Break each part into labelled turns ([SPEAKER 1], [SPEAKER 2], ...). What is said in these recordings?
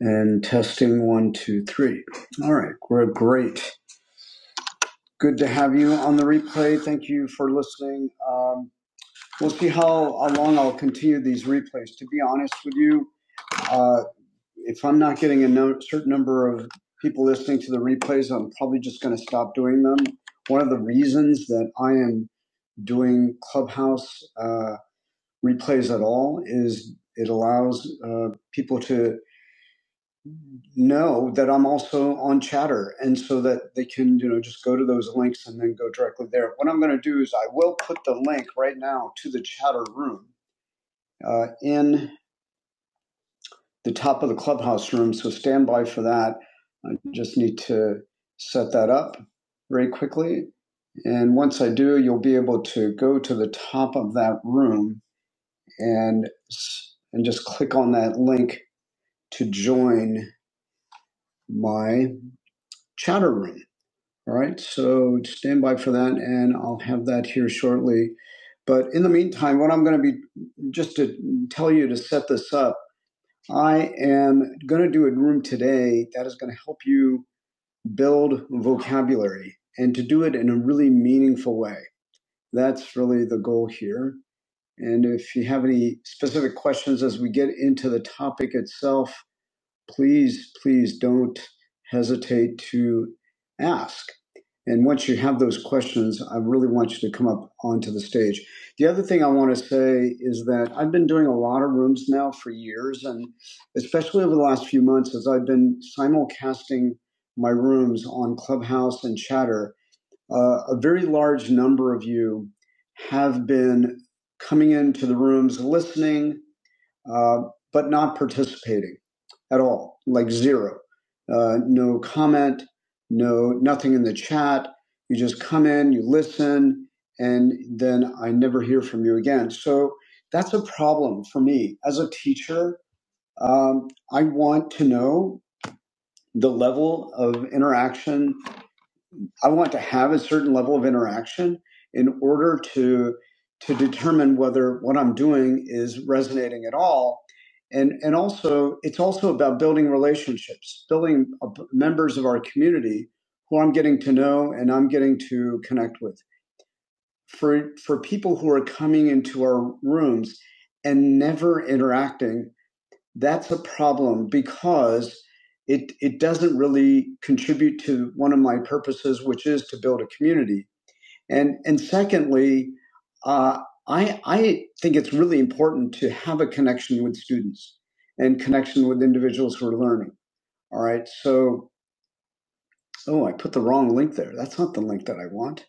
[SPEAKER 1] And testing one, two, three. All right, we're great. Good to have you on the replay. Thank you for listening. Um, we'll see how, how long I'll continue these replays. To be honest with you, uh, if I'm not getting a no- certain number of people listening to the replays, I'm probably just going to stop doing them. One of the reasons that I am doing Clubhouse uh, replays at all is it allows uh, people to know that I'm also on Chatter, and so that they can you know just go to those links and then go directly there. What I'm going to do is I will put the link right now to the Chatter room uh, in the top of the clubhouse room. So stand by for that. I just need to set that up very quickly, and once I do, you'll be able to go to the top of that room and and just click on that link to join my Chatter room. All right, so stand by for that, and I'll have that here shortly. But in the meantime, what I'm going to be just to tell you to set this up, I am going to do a room today that is going to help you build vocabulary and to do it in a really meaningful way. That's really the goal here. And if you have any specific questions as we get into the topic itself, please, please don't hesitate to ask. And once you have those questions, I really want you to come up onto the stage. The other thing I want to say is that I've been doing a lot of rooms now for years, and especially over the last few months, as I've been simulcasting my rooms on Clubhouse and Chatter, uh, a very large number of you have been coming into the rooms, listening, uh, but not participating at all, like zero. Uh, no comment, no nothing in the chat. You just come in, you listen, and then I never hear from you again. So that's a problem for me as a teacher. Um, I want to know the level of interaction I want to have a certain level of interaction in order to to determine whether what I'm doing is resonating at all. And and also it's also about building relationships, building uh, members of our community who I'm getting to know and I'm getting to connect with. For for people who are coming into our rooms and never interacting that's a problem because it it doesn't really contribute to one of my purposes, which is to build a community. And and secondly, uh, I I think it's really important to have a connection with students and connection with individuals who are learning. All right, so oh, I put the wrong link there. That's not the link that I want.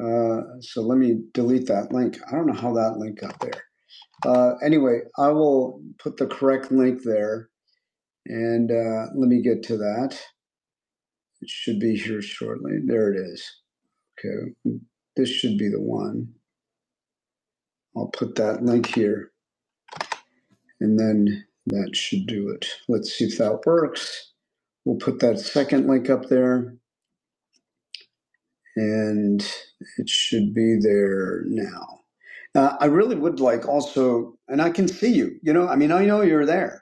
[SPEAKER 1] Uh, so let me delete that link. I don't know how that link got there. Uh, anyway, I will put the correct link there And uh, let me get to that. It should be here shortly. There it is. Okay. This should be the one. I'll put that link here and then that should do it. Let's see if that works. We'll put that second link up there and it should be there now. Uh, I really would like also, and I can see you, you know, I mean, I know you're there.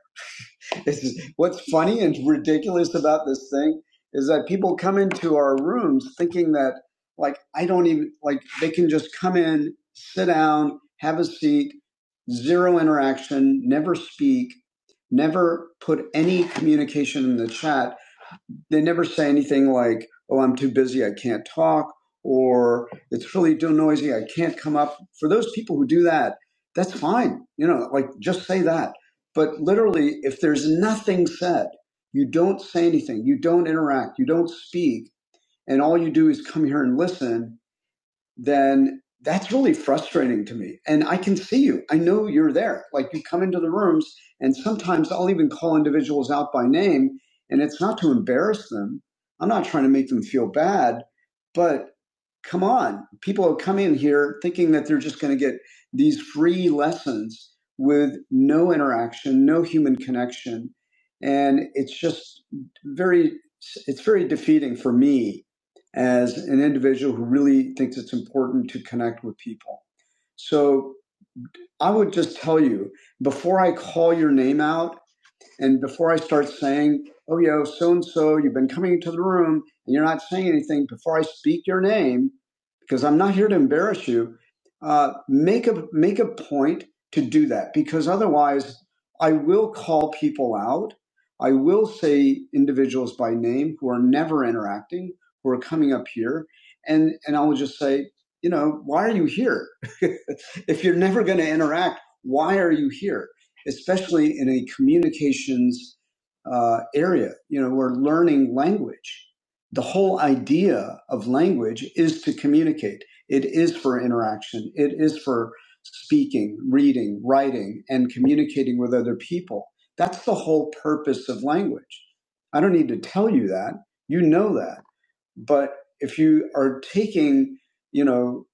[SPEAKER 1] This is- what's funny and ridiculous about this thing is that people come into our rooms thinking that like I don't even like they can just come in, sit down, have a seat, zero interaction, never speak, never put any communication in the chat they never say anything like, oh, I'm too busy, I can't talk, or it's really too noisy, I can't come up. For those people who do that, that's fine. You know, like just say that. But literally, if there's nothing said, you don't say anything, you don't interact, you don't speak, and all you do is come here and listen, then that's really frustrating to me. And I can see you. I know you're there. Like you come into the rooms, and sometimes I'll even call individuals out by name, and it's not to embarrass them. I'm not trying to make them feel bad, but come on. People come in here thinking that they're just going to get these free lessons with no interaction, no human connection. And it's just very, it's very defeating for me as an individual who really thinks it's important to connect with people. So I would just tell you before I call your name out and before I start saying, oh, yo, so and so, you've been coming into the room and you're not saying anything, before I speak your name, because I'm not here to embarrass you. Uh, make a make a point to do that because otherwise, I will call people out. I will say individuals by name who are never interacting, who are coming up here, and and I will just say, you know, why are you here? if you're never going to interact, why are you here? Especially in a communications uh, area, you know, we're learning language the whole idea of language is to communicate. It is for interaction. It is for speaking, reading, writing, and communicating with other people. That's the whole purpose of language. I don't need to tell you that. You know that. But if you are taking, you know,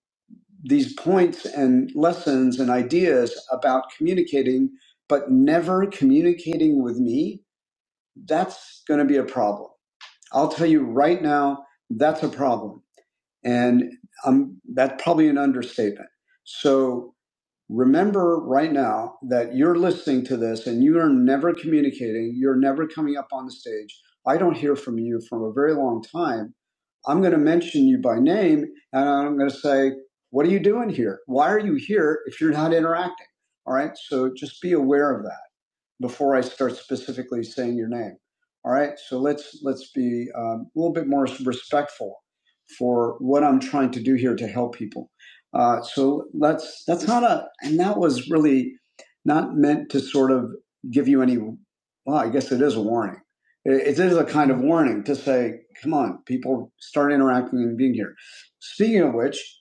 [SPEAKER 1] these points and lessons and ideas about communicating, but never communicating with me, that's going to be a problem I'll tell you right now, that's a problem. And um, that's probably an understatement. So remember right now that you're listening to this and you are never communicating. You're never coming up on the stage. I don't hear from you from a very long time. I'm going to mention you by name and I'm going to say, what are you doing here? Why are you here if you're not interacting? All right. So just be aware of that before I start specifically saying your name. All right, so let's let's be um, a little bit more respectful for what I'm trying to do here to help people. Uh, so that's that's not a and that was really not meant to sort of give you any. Well, I guess it is a warning. It, it is a kind of warning to say, come on, people, start interacting and being here. Speaking of which,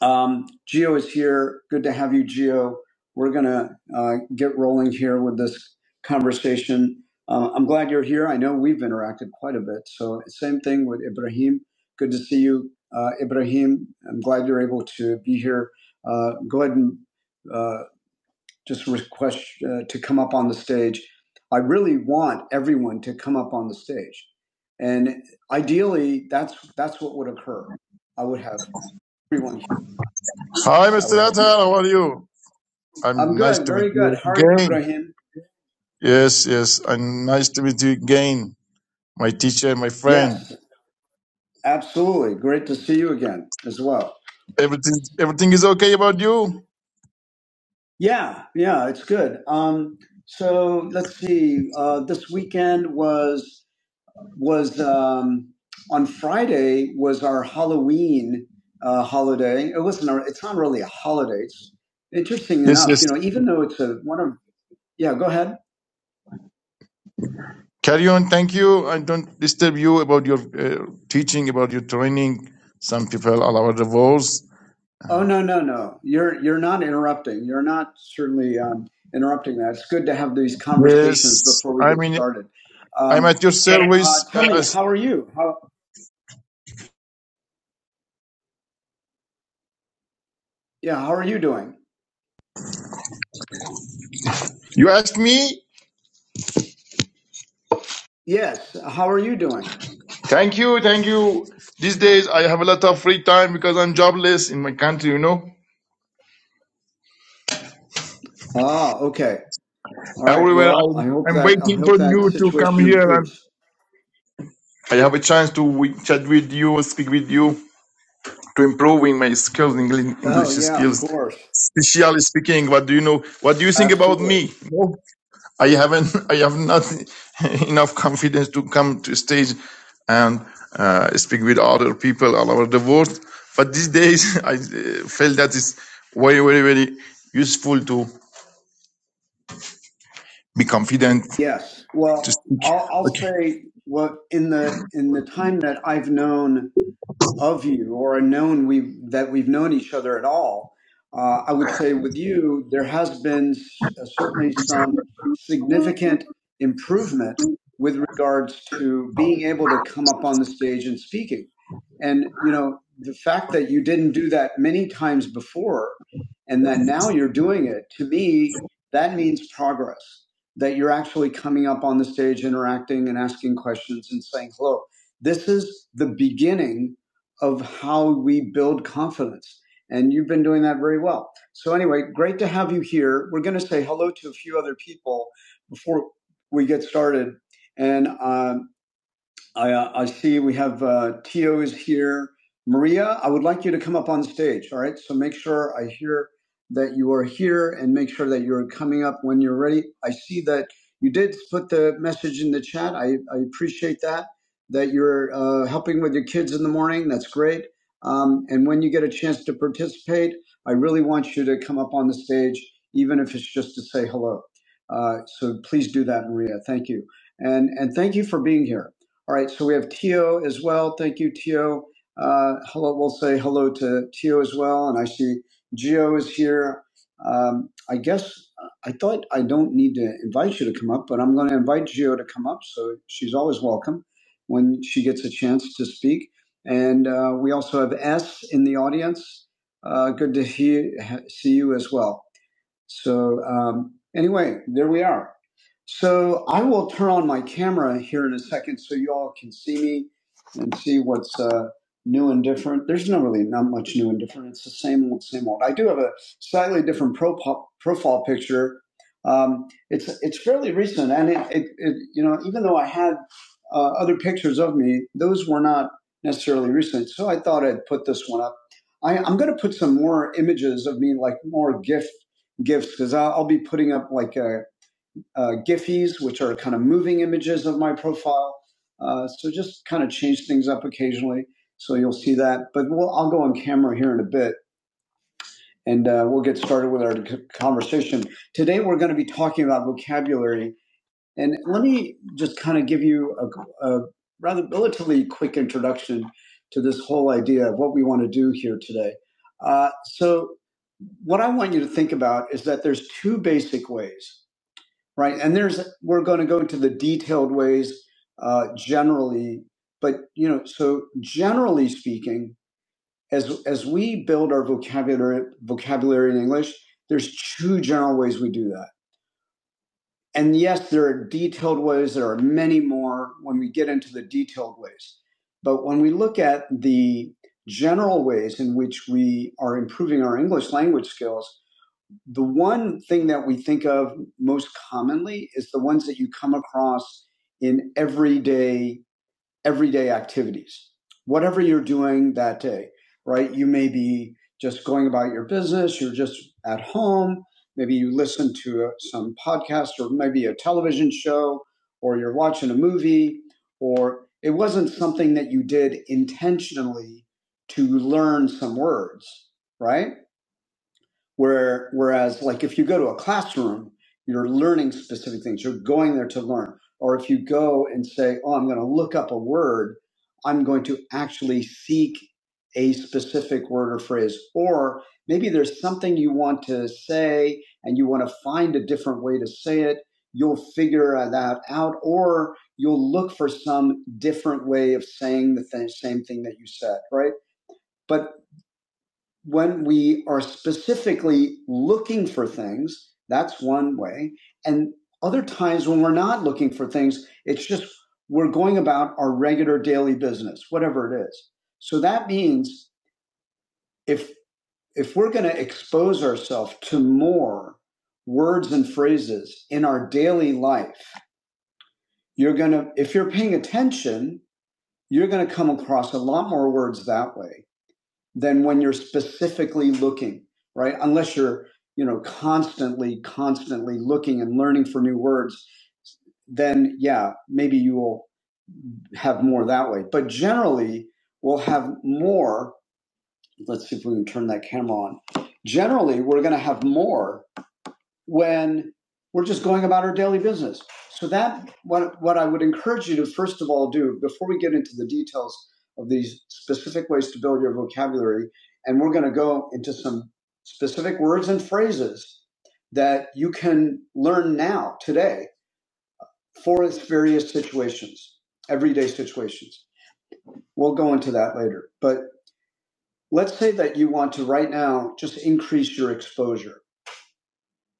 [SPEAKER 1] um, Geo is here. Good to have you, Geo. We're going to uh, get rolling here with this conversation. Uh, I'm glad you're here. I know we've interacted quite a bit. So, same thing with Ibrahim. Good to see you, uh, Ibrahim. I'm glad you're able to be here. Uh, go ahead and uh, just request uh, to come up on the stage. I really want everyone to come up on the stage. And ideally, that's, that's what would occur. I would have everyone
[SPEAKER 2] Hi,
[SPEAKER 1] yes, I
[SPEAKER 2] Mr.
[SPEAKER 1] would have.
[SPEAKER 2] Atar. How are you?
[SPEAKER 1] I'm
[SPEAKER 2] I'm nice
[SPEAKER 1] good,
[SPEAKER 2] to meet
[SPEAKER 1] very good.
[SPEAKER 2] you
[SPEAKER 1] How are you,
[SPEAKER 2] again.
[SPEAKER 1] Ibrahim?
[SPEAKER 2] Yes, yes. I'm nice to meet you again. My teacher, my friend.
[SPEAKER 1] Yes, absolutely. Great to see you again as well.
[SPEAKER 2] Everything, everything is okay about you?
[SPEAKER 1] Yeah, yeah, it's good. Um, so let's see. Uh, this weekend was was um, on Friday was our Halloween uh, holiday. It wasn't. Our, it's not really a holiday. It's interesting
[SPEAKER 2] Yes,
[SPEAKER 1] enough.
[SPEAKER 2] yes.
[SPEAKER 1] You know, even though it's a one of yeah. Go ahead.
[SPEAKER 2] Carry on. Thank you. I don't disturb you about your uh, teaching, about your training. Some people all over the world.
[SPEAKER 1] Oh no no no! You're you're not interrupting. You're not certainly um, interrupting that. It's good to have these conversations
[SPEAKER 2] Yes.
[SPEAKER 1] before we
[SPEAKER 2] I
[SPEAKER 1] get
[SPEAKER 2] mean,
[SPEAKER 1] started.
[SPEAKER 2] I'm
[SPEAKER 1] Um,
[SPEAKER 2] at your
[SPEAKER 1] but uh,
[SPEAKER 2] service.
[SPEAKER 1] tell
[SPEAKER 2] Uh,
[SPEAKER 1] me,
[SPEAKER 2] as
[SPEAKER 1] how are you? How yeah? How are you doing?
[SPEAKER 2] you asked me.
[SPEAKER 1] Yes. How are you doing?
[SPEAKER 2] Thank you. Thank you. These days I have a lot of free time because I'm jobless in my country, you know.
[SPEAKER 1] Ah, okay. All right.
[SPEAKER 2] Everywhere
[SPEAKER 1] Well, I
[SPEAKER 2] I'm,
[SPEAKER 1] hope
[SPEAKER 2] I'm
[SPEAKER 1] that I
[SPEAKER 2] waiting
[SPEAKER 1] hope
[SPEAKER 2] for
[SPEAKER 1] that
[SPEAKER 2] you to come
[SPEAKER 1] situation
[SPEAKER 2] here and
[SPEAKER 1] improves.
[SPEAKER 2] I have a chance to wi- chat with you, speak with you, to improving my skills, Engli-
[SPEAKER 1] Oh
[SPEAKER 2] English
[SPEAKER 1] yeah, of
[SPEAKER 2] skills,
[SPEAKER 1] course,
[SPEAKER 2] especially speaking. What do you know? What do you think about
[SPEAKER 1] absolutely.
[SPEAKER 2] me? No, I haven't, I have not enough confidence to come to stage and uh, speak with other people all over the world. But these days, I uh, feel that it's very, very, very useful to be confident
[SPEAKER 1] Yes.
[SPEAKER 2] to
[SPEAKER 1] Well,
[SPEAKER 2] speak.
[SPEAKER 1] I'll, I'll
[SPEAKER 2] Okay.
[SPEAKER 1] say what in the in the time that I've known of you or known we that we've known each other at all. Uh, I would say with you, there has been s- uh, certainly some significant improvement with regards to being able to come up on the stage and speaking. And you know, the fact that you didn't do that many times before, and that now you're doing it, to me, that means progress. That you're actually coming up on the stage, interacting, and asking questions and saying hello. This is the beginning of how we build confidence. And you've been doing that very well. So, anyway, great to have you here. We're going to say hello to a few other people before we get started. And um, I, uh, I see we have uh, Tito is here. Maria, I would like you to come up on stage. All right. So make sure I hear that you are here and make sure that you're coming up when you're ready. I see that you did put the message in the chat. I, I appreciate that, that you're uh, helping with your kids in the morning. That's great. Um, and when you get a chance to participate, I really want you to come up on the stage, even if it's just to say hello. Uh, so please do that, Maria. Thank you. And, and thank you for being here. All right, so we have Tio as well. Thank you, Tio. Uh, hello, we'll say hello to Tio as well. And I see Gio is here. Um, I guess I thought I don't need to invite you to come up, but I'm going to invite Gio to come up. So she's always welcome when she gets a chance to speak. And uh, we also have S in the audience. Uh, good to he- see you as well. So um, anyway, there we are. So I will turn on my camera here in a second so you all can see me and see what's uh, new and different. There's not really not much new and different. It's the same old, same old. I do have a slightly different profile, profile picture. Um, it's it's fairly recent, and it, it, it you know even though I had uh, other pictures of me, those were not necessarily recent. So I thought I'd put this one up. I, I'm going to put some more images of me, like more GIF gifts because I'll, I'll be putting up like uh uh Giphies, which are kind of moving images of my profile. Uh, so just kind of change things up occasionally. So you'll see that. But we'll, I'll go on camera here in a bit and uh, we'll get started with our c- conversation. Today we're going to be talking about vocabulary. And let me just kind of give you a, a rather relatively quick introduction to this whole idea of what we want to do here today. Uh, so what I want you to think about is that there's two basic ways right? And there's we're going to go into the detailed ways uh, generally, but you know, so generally speaking, as as we build our vocabulary vocabulary in English, there's two general ways we do that. And yes, there are detailed ways. There are many more when we get into the detailed ways. But when we look at the general ways in which we are improving our English language skills, the one thing that we think of most commonly is the ones that you come across in everyday everyday activities whatever you're doing that day right you may be just going about your business you're just at home maybe you listen to uh, some podcast or maybe a television show or you're watching a movie or it wasn't something that you did intentionally to learn some words right where, whereas, like if you go to a classroom, you're learning specific things. You're going there to learn. Or if you go and say, "Oh, I'm going to look up a word," I'm going to actually seek a specific word or phrase. Or maybe there's something you want to say and you want to find a different way to say it. You'll figure that out, or you'll look for some different way of saying the th- same thing that you said, right? but when we are specifically looking for things, that's one way. And other times when we're not looking for things, it's just we're going about our regular daily business, whatever it is. So that means if if we're going to expose ourselves to more words and phrases in our daily life, you're going to if you're paying attention, you're going to come across a lot more words that way than when you're specifically looking, right? Unless you're, you know, constantly, constantly looking and learning for new words, then yeah, maybe you will have more that way. But generally, we'll have more. Let's see if we can turn that camera on. Generally, we're going to have more when we're just going about our daily business. So that what what I would encourage you to first of all do before we get into the details of these specific ways to build your vocabulary, and we're going to go into some specific words and phrases that you can learn now today for its various situations, everyday situations. We'll go into that later. But let's say that you want to right now just increase your exposure.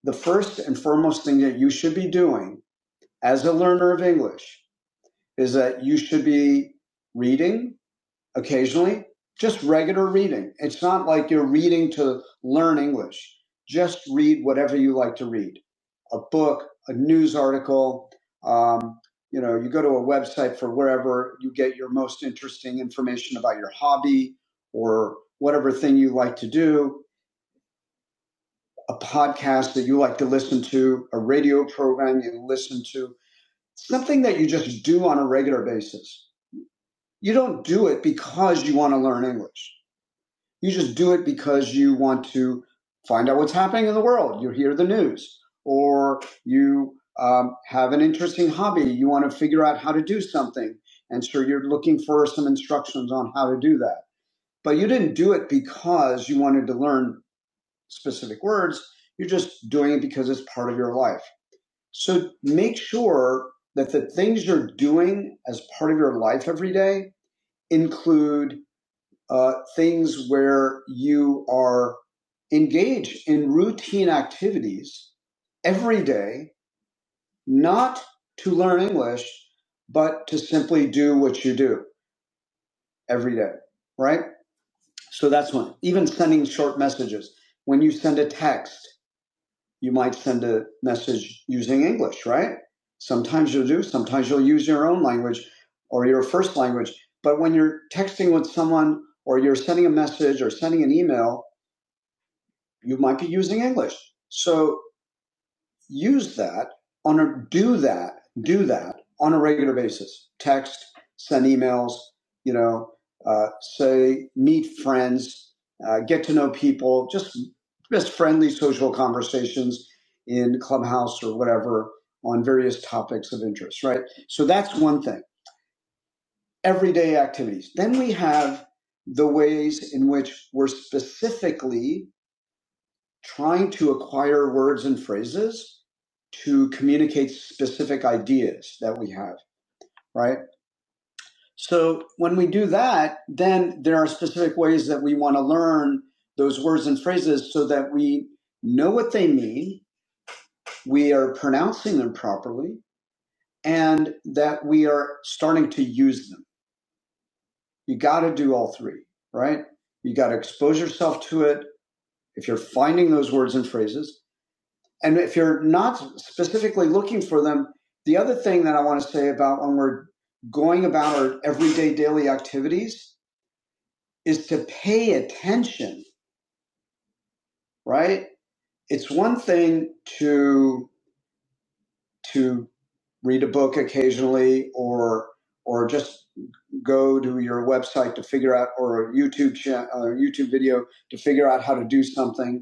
[SPEAKER 1] The first and foremost thing that you should be doing as a learner of English is that you should be reading occasionally, just regular reading. It's not like you're reading to learn English. Just read whatever you like to read a book, a news article. Um, you know, you go to a website for wherever you get your most interesting information about your hobby or whatever thing you like to do, a podcast that you like to listen to, a radio program you listen to something that you just do on a regular basis. You don't do it because you want to learn English. You just do it because you want to find out what's happening in the world. You hear the news, or you um, have an interesting hobby. You want to figure out how to do something. And so you're looking for some instructions on how to do that. But you didn't do it because you wanted to learn specific words. You're just doing it because it's part of your life. So make sure that the things you're doing as part of your life every day include uh, things where you are engaged in routine activities every day, not to learn English, but to simply do what you do every day, right? So that's one. Even sending short messages, when you send a text, you might send a message using English, right? Sometimes you'll do, sometimes you'll use your own language or your first language. But when you're texting with someone or you're sending a message or sending an email, you might be using English. So use that on a do that do that on a regular basis text send emails you know uh, say meet friends uh, get to know people just just friendly social conversations in clubhouse or whatever on various topics of interest right so that's one thing everyday activities then we have the ways in which we're specifically trying to acquire words and phrases to communicate specific ideas that we have, right? So when we do that, then there are specific ways that we want to learn those words and phrases so that we know what they mean, we are pronouncing them properly, and that we are starting to use them. You got to do all three, right? You got to expose yourself to it. If you're finding those words and phrases, And if you're not specifically looking for them, the other thing that I want to say about when we're going about our everyday daily activities is to pay attention, right? It's one thing to to read a book occasionally or or just go to your website to figure out or a YouTube cha- uh, YouTube video to figure out how to do something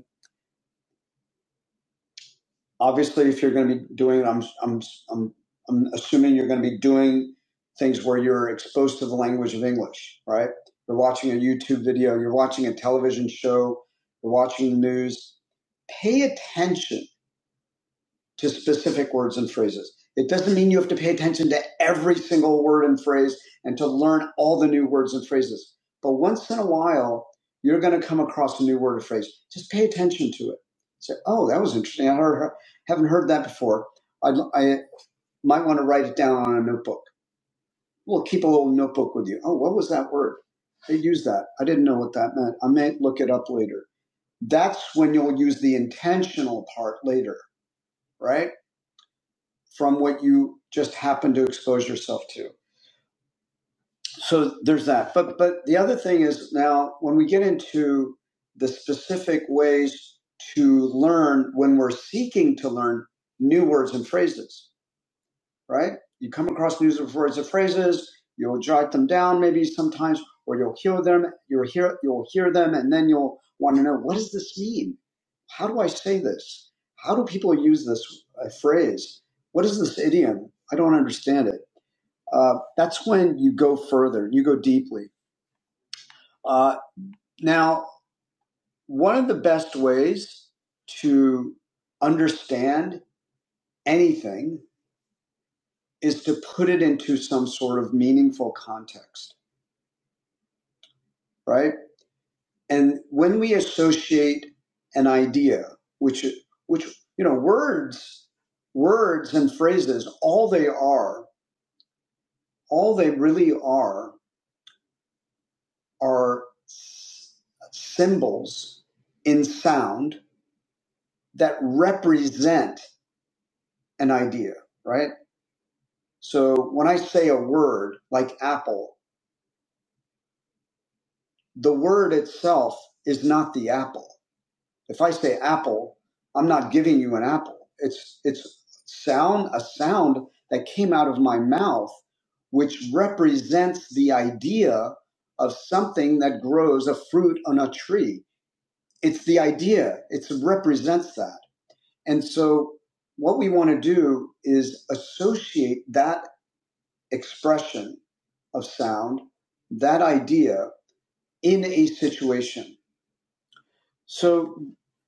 [SPEAKER 1] obviously if you're going to be doing I'm, I'm i'm i'm assuming you're going to be doing things where you're exposed to the language of english right you're watching a youtube video you're watching a television show you're watching the news pay attention to specific words and phrases. It doesn't mean you have to pay attention to every single word and phrase and to learn all the new words and phrases. But once in a while, you're going to come across a new word or phrase. Just pay attention to it. Say, oh, that was interesting. I heard, haven't heard that before. I, I might want to write it down on a notebook. Well, keep a little notebook with you. Oh, what was that word? They used that. I didn't know what that meant. I may look it up later. That's when you'll use the intentional part later, right? from what you just happen to expose yourself to. So there's that. But but the other thing is now when we get into the specific ways to learn when we're seeking to learn new words and phrases, right? You come across new words and phrases, you'll jot them down maybe sometimes, or you'll hear them, you'll hear you'll hear them, and then you'll want to know what does this mean? How do I say this? How do people use this uh, phrase? What is this idiom? I don't understand it uh, that's when you go further, you go deeply. Uh, now, one of the best ways to understand anything is to put it into some sort of meaningful context, right? And when we associate an idea, which which you know, words, words and phrases, all they are, all they really are, are symbols in sound that represent an idea, right? So when I say a word like apple, the word itself is not the apple. If I say apple, I'm not giving you an apple. It's it's sound a sound that came out of my mouth which represents the idea of something that grows a fruit on a tree. It's the idea. It represents that. And so what we want to do is associate that expression of sound, that idea in a situation. So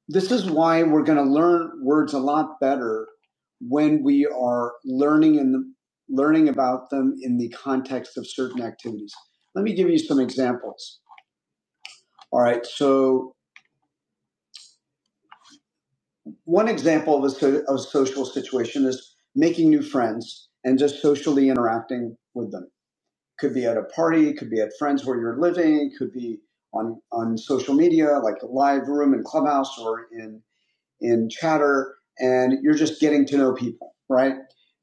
[SPEAKER 1] this is why we're going to learn words a lot better when we are learning in the, learning about them in the context of certain activities. Let me give you some examples. All right. So one example of a, so, of a social situation is making new friends and just socially interacting with them could be at a party, could be at friends where you're living, could be on on social media like a live room in Clubhouse or in in Chatter, and you're just getting to know people, right?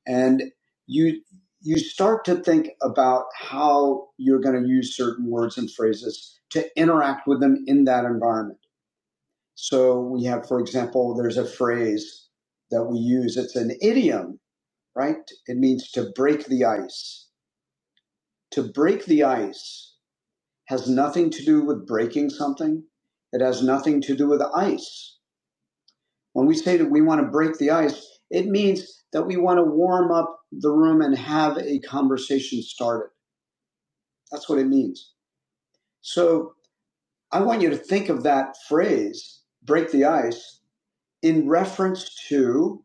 [SPEAKER 1] And you you start to think about how you're going to use certain words and phrases to interact with them in that environment. So we have, for example, there's a phrase that we use. It's an idiom, right? It means to break the ice. To break the ice has nothing to do with breaking something. It has nothing to do with ice. When we say that we want to break the ice, it means that we want to warm up the room and have a conversation started. That's what it means. So I want you to think of that phrase, break the ice, in reference to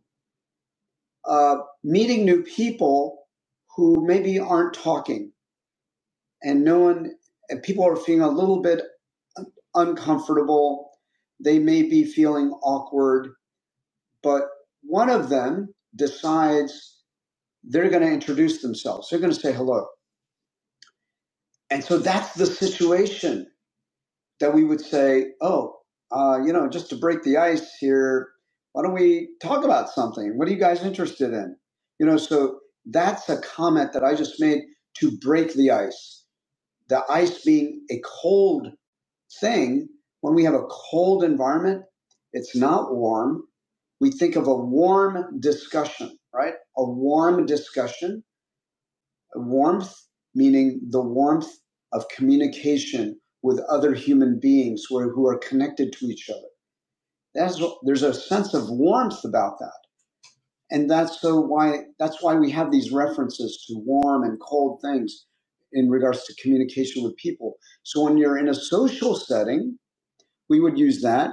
[SPEAKER 1] uh, meeting new people who maybe aren't talking and no one, and people are feeling a little bit uncomfortable. They may be feeling awkward, but one of them decides they're going to introduce themselves. They're going to say hello. And so that's the situation that we would say, oh, uh, you know, just to break the ice here, why don't we talk about something? What are you guys interested in? You know, so that's a comment that I just made to break the ice. The ice being a cold thing, when we have a cold environment, it's not warm. We think of a warm discussion, right? A warm discussion, warmth, meaning the warmth of communication with other human beings who are, who are connected to each other. That's, there's a sense of warmth about that. And that's so why, that's why we have these references to warm and cold things in regards to communication with people. So when you're in a social setting, we would use that.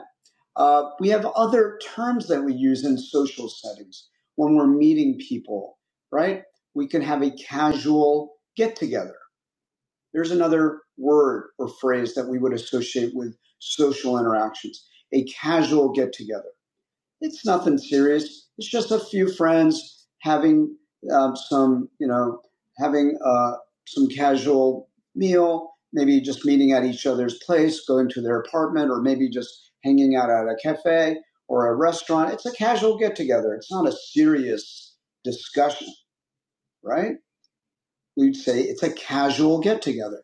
[SPEAKER 1] Uh, we have other terms that we use in social settings when we're meeting people, right? We can have a casual get together. There's another word or phrase that we would associate with social interactions a casual get together. It's nothing serious. It's just a few friends having um, some, you know, having uh, some casual meal, maybe just meeting at each other's place, going to their apartment, or maybe just hanging out at a cafe or a restaurant. It's a casual get together. It's not a serious discussion, right? We'd say it's a casual get together.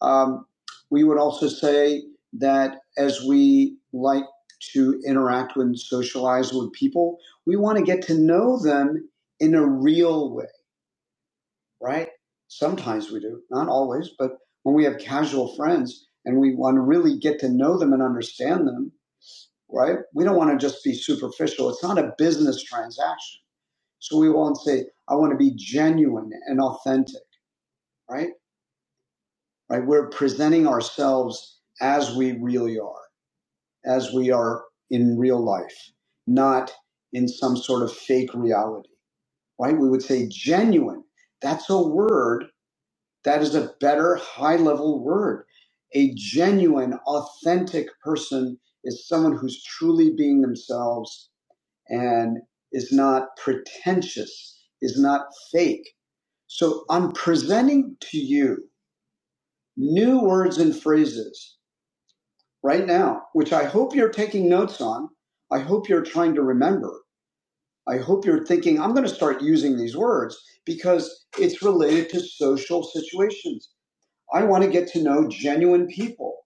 [SPEAKER 1] Um, we would also say that as we like to interact and socialize with people, we want to get to know them in a real way, right? Sometimes we do, not always, but when we have casual friends and we want to really get to know them and understand them, right? We don't want to just be superficial. It's not a business transaction. So we won't say, I want to be genuine and authentic, right? right? We're presenting ourselves as we really are, as we are in real life, not in some sort of fake reality, right? We would say genuine. That's a word that is a better high level word. A genuine, authentic person is someone who's truly being themselves and is not pretentious, is not fake. So I'm presenting to you new words and phrases right now, which I hope you're taking notes on. I hope you're trying to remember. I hope you're thinking, I'm going to start using these words because it's related to social situations. I want to get to know genuine people.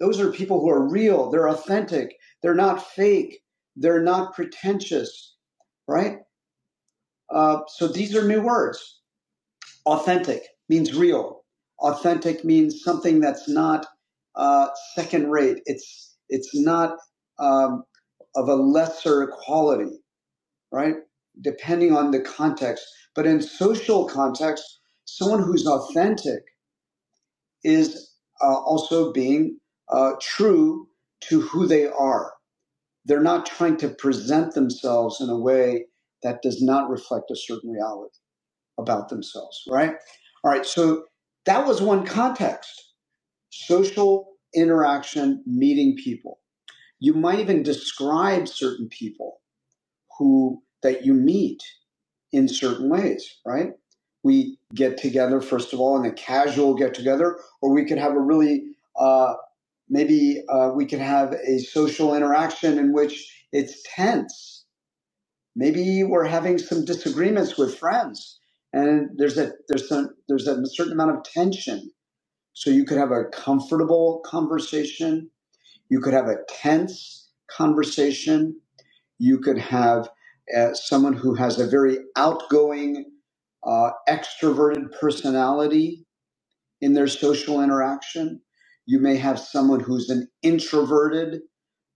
[SPEAKER 1] Those are people who are real, they're authentic, they're not fake, they're not pretentious, right? Uh, so these are new words. Authentic means real. Authentic means something that's not uh, second rate. It's it's not um, of a lesser quality, right? Depending on the context. But in social context, someone who's authentic is uh, also being uh, true to who they are. They're not trying to present themselves in a way that does not reflect a certain reality about themselves, right? All right, so that was one context social interaction, meeting people. You might even describe certain people who that you meet in certain ways, right? We get together, first of all, in a casual get together, or we could have a really, uh, maybe uh, we could have a social interaction in which it's tense Maybe we're having some disagreements with friends, and there's a there's some there's a certain amount of tension. So you could have a comfortable conversation. You could have a tense conversation. You could have uh, someone who has a very outgoing, uh, extroverted personality in their social interaction. You may have someone who's an introverted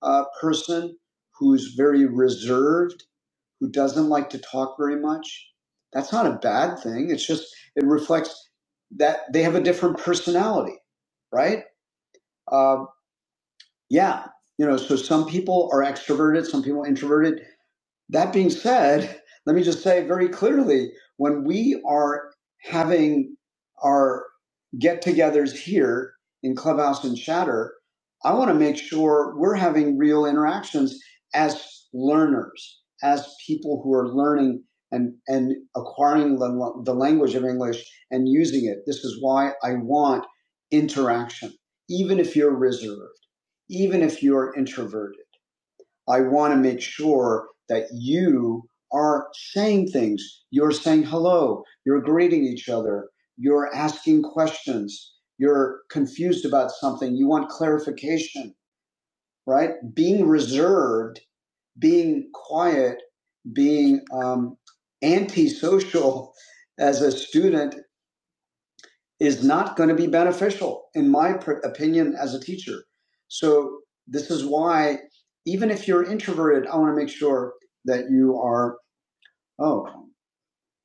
[SPEAKER 1] uh, person who's very reserved who doesn't like to talk very much, that's not a bad thing. It's just, it reflects that they have a different personality, right? Um, yeah. You know, so some people are extroverted, some people introverted. That being said, let me just say very clearly when we are having our get togethers here in Clubhouse and Chatter, I want to make sure we're having real interactions as learners, as people who are learning and, and acquiring the, the language of English and using it. This is why I want interaction, even if you're reserved, even if you're introverted I want to make sure that you are saying things. You're saying hello. You're greeting each other. You're asking questions. You're confused about something. You want clarification, right? Being reserved, being quiet, being um, antisocial as a student is not going to be beneficial in my opinion as a teacher. So this is why even if you're introverted, I want to make sure that you are, oh,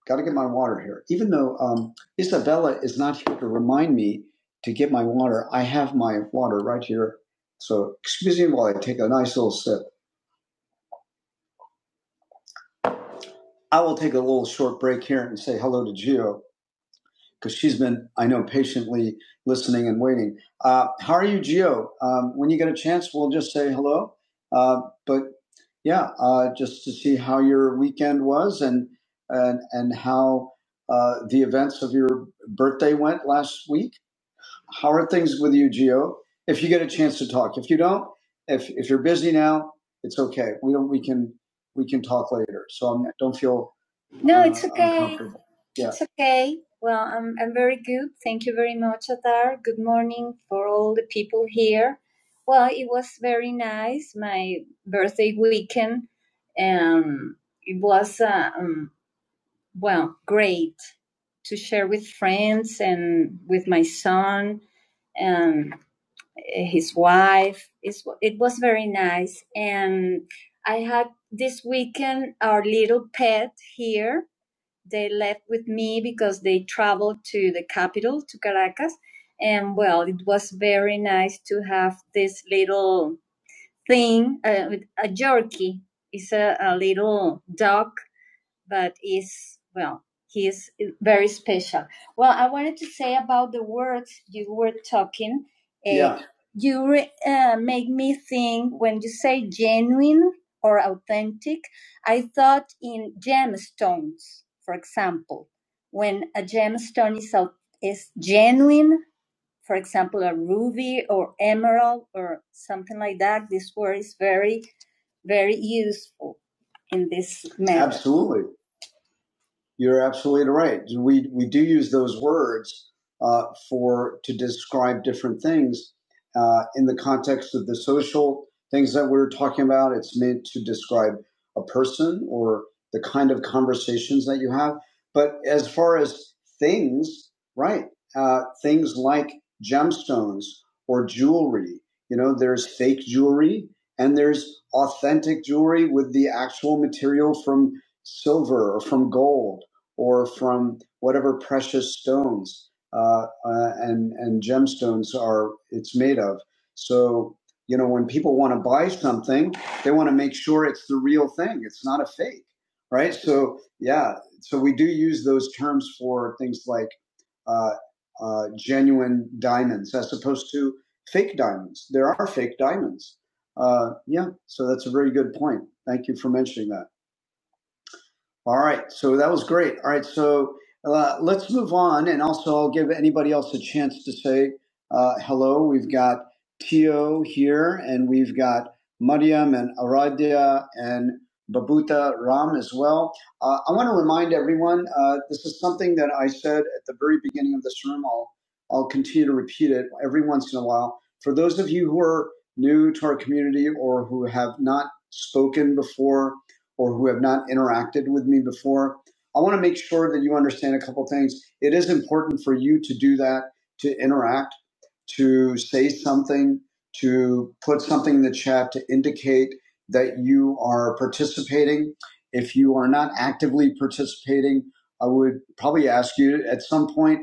[SPEAKER 1] got to get my water here. Even though um, Isabella is not here to remind me to get my water, I have my water right here. So excuse me while I take a nice little sip. I will take a little short break here and say hello to Gio. because she's been, I know, patiently listening and waiting. Uh, how are you, Gio? Um, when you get a chance, we'll just say hello. Uh, but yeah, uh, just to see how your weekend was and and and how uh, the events of your birthday went last week. How are things with you, Gio? If you get a chance to talk, if you don't, if if you're busy now, it's okay. We don't. We can we can talk later. So I'm, don't feel No, uh, it's okay. Yeah. It's okay. Well, I'm I'm very good. Thank you very much, Atar. Good morning for all the people here. Well, it was very nice. My birthday weekend. Um, it was. Uh, um, well, great to share with friends and with my son and his wife. it was very nice. And I had this weekend our little pet here. They left with me because they traveled to the capital, to Caracas. And well, it was very nice to have this little thing, uh, with a jerky. It's a, a little dog but is well, he is very special. Well, I wanted to say about the words you were talking. Uh, Yeah. You re- uh, make me think when you say genuine or authentic. I thought in gemstones, for example, when a gemstone is au- is genuine, for example, a ruby or emerald or something like that. This word is very very useful in this matter. Absolutely. You're absolutely right. We we do use those words uh, for to describe different things uh, in the context of the social things that we're talking about. It's meant to describe a person or the kind of conversations that you have. But as far as things, right? Uh, things like gemstones or jewelry. You know, there's fake jewelry and there's authentic jewelry with the actual material from silver or from gold or from whatever precious stones uh, uh, and and gemstones are it's made of. So you know when people want to buy something, they want to make sure it's the real thing. It's not a fake, right? So yeah, so we do use those terms for things like uh, uh, genuine diamonds as opposed to fake diamonds. There are fake diamonds. Uh, yeah, so that's a very good point. Thank you for mentioning that. All right. So that was great. All right. So uh, let's move on. And also, I'll give anybody else a chance to say uh, hello. We've got Tio here, and we've got Mariam and Aradia and Babuta Ram as well. Uh, I want to remind everyone uh, this is something that I said at the very beginning of this room. I'll, I'll continue to repeat it every once in a while. For those of you who are new to our community or who have not spoken before, or who have not interacted with me before, I want to make sure that you understand a couple things. It is important for you to do that, to interact, to say something, to put something in the chat to indicate that you are participating. If you are not actively participating, I would probably ask you at some point,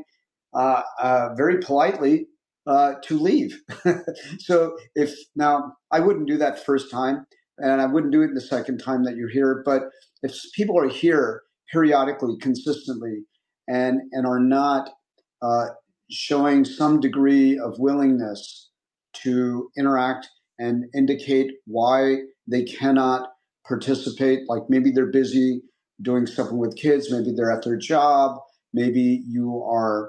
[SPEAKER 1] uh, uh, very politely, uh, to leave. so if now I wouldn't do that first time and I wouldn't do it the second time that you're here. But if people are here periodically, consistently, and and are not uh, showing some degree of willingness to interact and indicate why they cannot participate, like maybe they're busy doing something with kids, maybe they're at their job, maybe you are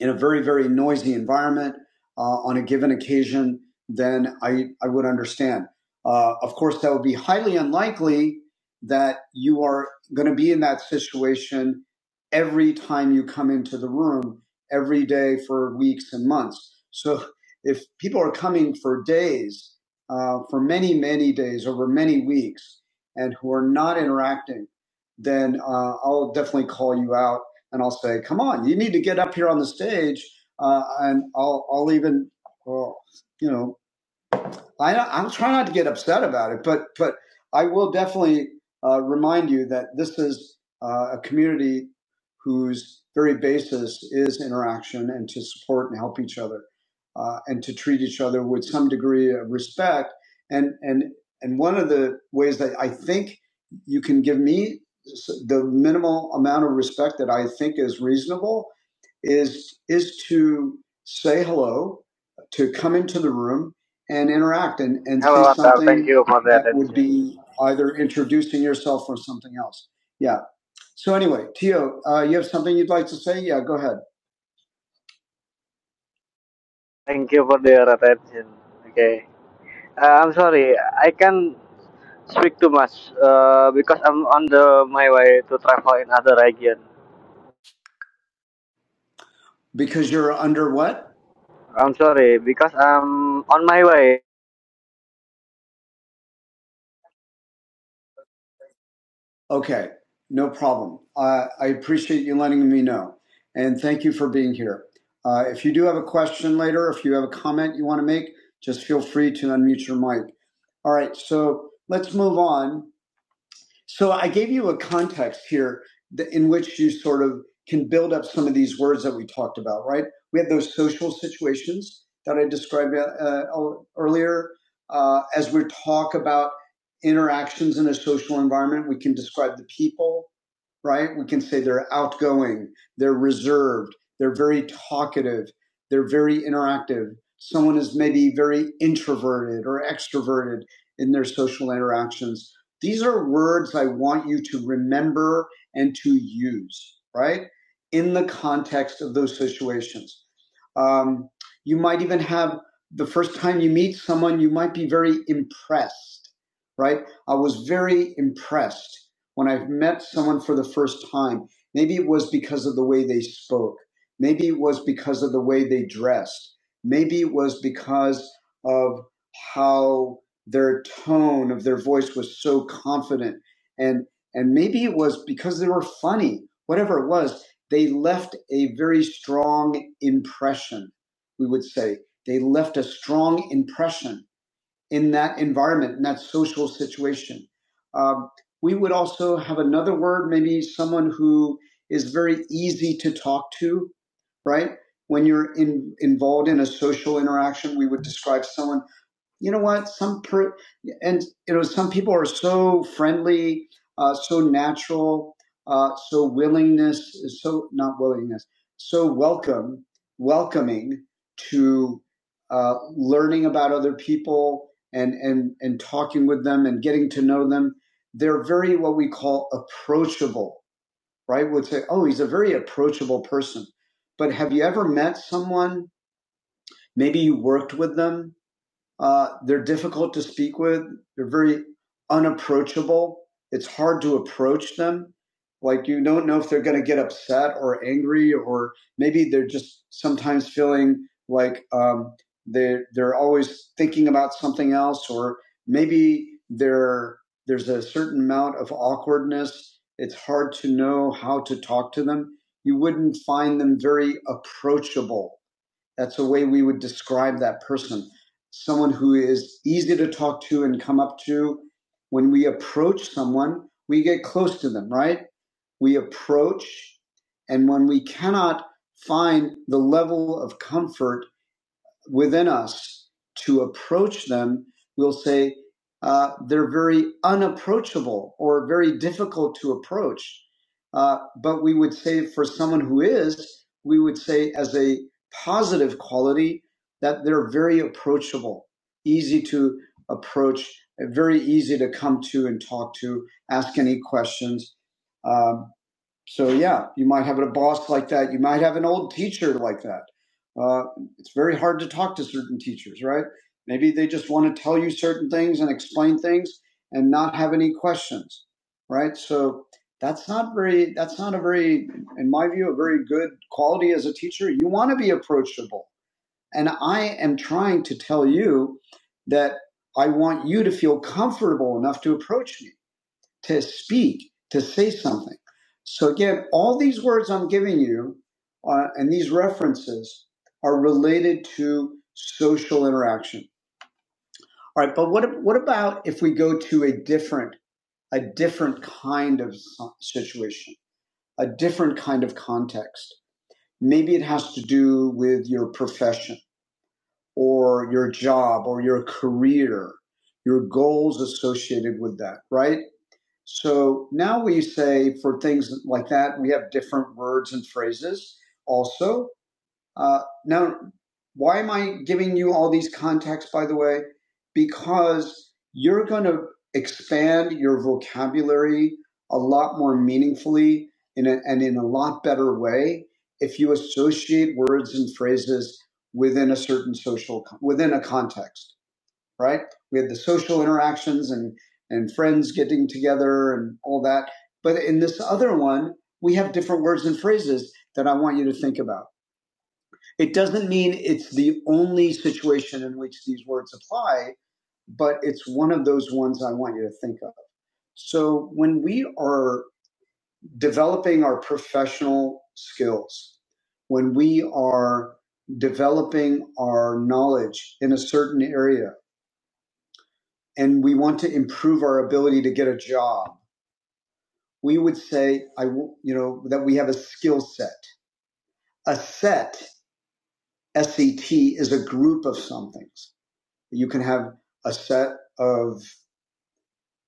[SPEAKER 1] in a very very noisy environment uh, on a given occasion, then I I would understand. Uh, of course, that would be highly unlikely that you are going to be in that situation every time you come into the room every day for weeks and months. So if people are coming for days, uh, for many many days over many weeks, and who are not interacting, then uh, I'll definitely call you out and I'll say, "Come on, you need to get up here on the stage," uh, and I'll I'll even, well, you know, I, I'm trying not to get upset about it, but but I will definitely uh, remind you that this is uh, a community whose very basis is interaction and to support and help each other uh, and to treat each other with some degree of respect. And and and one of the ways that I think you can give me the minimal amount of respect that I think is reasonable is is to say hello, to come into the room and interact and, and say
[SPEAKER 3] Hello, Atar. Thank
[SPEAKER 1] something
[SPEAKER 3] you for the
[SPEAKER 1] that would
[SPEAKER 3] attention.
[SPEAKER 1] be either introducing yourself or something else. Yeah. So anyway, Tio, uh, you have something you'd like to say? Yeah, go ahead.
[SPEAKER 3] Thank you for your attention. Okay. Uh, I'm sorry. I can not speak too much uh, because I'm on the my way to travel in other region.
[SPEAKER 1] Because you're under what?
[SPEAKER 3] I'm sorry because I'm on my way.
[SPEAKER 1] Okay, no problem. Uh, I appreciate you letting me know, and thank you for being here. Uh, if you do have a question later, if you have a comment you want to make, just feel free to unmute your mic. All right, so let's move on So I gave you a context here that, in which you sort of can build up some of these words that we talked about, right? We had those social situations that I described uh, uh, earlier. Uh, as we talk about interactions in a social environment, we can describe the people right? We can say they're outgoing, they're reserved, they're very talkative, they're very interactive. Someone is maybe very introverted or extroverted in their social interactions. These are words I want you to remember and to use, right? In the context of those situations. Um, you might even have the first time you meet someone, you might be very impressed, right? I was very impressed when I've met someone for the first time, maybe it was because of the way they spoke, maybe it was because of the way they dressed, maybe it was because of how their tone of their voice was so confident and and maybe it was because they were funny whatever it was they left a very strong impression we would say they left a strong impression in that environment, in that social situation. Um, we would also have another word, maybe someone who is very easy to talk to, right? When you're in, involved in a social interaction, we would describe someone you know what some per- and you know some people are so friendly uh, so natural uh, so willingness so not willingness so welcome welcoming to uh, learning about other people and and and talking with them and getting to know them they're very what we call approachable right we'd say oh he's a very approachable person but have you ever met someone maybe you worked with them uh, they're difficult to speak with. They're very unapproachable. It's hard to approach them. Like you don't know if they're going to get upset or angry, or maybe they're just sometimes feeling like um, they they're always thinking about something else, or maybe there there's a certain amount of awkwardness. It's hard to know how to talk to them. You wouldn't find them very approachable that's the way we would describe that person. Someone who is easy to talk to and come up to. When we approach someone, we get close to them, right? We approach, and when we cannot find the level of comfort within us to approach them, we'll say uh, they're very unapproachable or very difficult to approach. Uh, but we would say for someone who is, we would say as a positive quality that they're very approachable, easy to approach, very easy to come to and talk to, ask any questions. Um, so yeah, you might have a boss like that. You might have an old teacher like that. Uh, it's very hard to talk to certain teachers, right? Maybe they just want to tell you certain things and explain things and not have any questions, right? So that's not very. That's not a very, in my view, a very good quality as a teacher. You want to be approachable, and I am trying to tell you that I want you to feel comfortable enough to approach me to speak, to say something. So again, all these words I'm giving you uh, and these references are related to social interaction. All right, but what what about if we go to a different a different kind of si-, situation, a different kind of context? Maybe it has to do with your profession or your job or your career, your goals associated with that, right? So now we say for things like that, we have different words and phrases. Also, uh, now, why am I giving you all these contexts? by the way? Because you're going to expand your vocabulary a lot more meaningfully in a, and in a lot better way if you associate words and phrases within a certain social, within a context right? We had the social interactions and and friends getting together and all that. But in this other one, we have different words and phrases that I want you to think about. It doesn't mean it's the only situation in which these words apply, but it's one of those ones I want you to think of. So when we are developing our professional skills, when we are developing our knowledge in a certain area, and we want to improve our ability to get a job, we would say, I, you know, that we have a skill set. A set, SET, is a group of somethings. You can have a set of,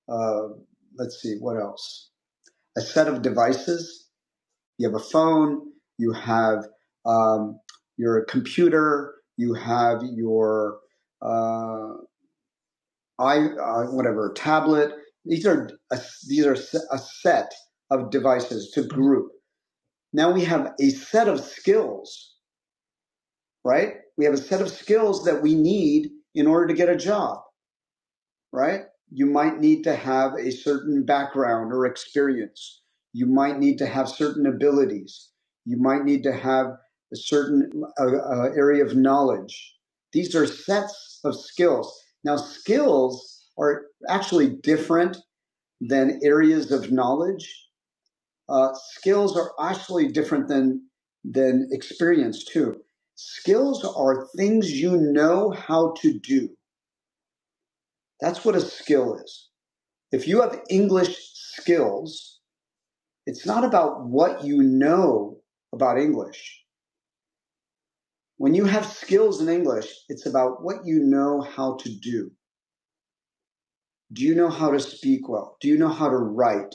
[SPEAKER 1] uh, let's see, what else? A set of devices. You have a phone. You have um, your computer. You have your uh, i uh, whatever tablet. These are a, these are a set of devices to group. Now we have a set of skills, right? We have a set of skills that we need in order to get a job, right? You might need to have a certain background or experience. You might need to have certain abilities. You might need to have a certain uh, uh, area of knowledge. These are sets of skills. Now, skills are actually different than areas of knowledge. Uh, skills are actually different than than experience too. Skills are things you know how to do. That's what a skill is. If you have English skills, it's not about what you know about English. When you have skills in English, it's about what you know how to do. Do you know how to speak well? Do you know how to write?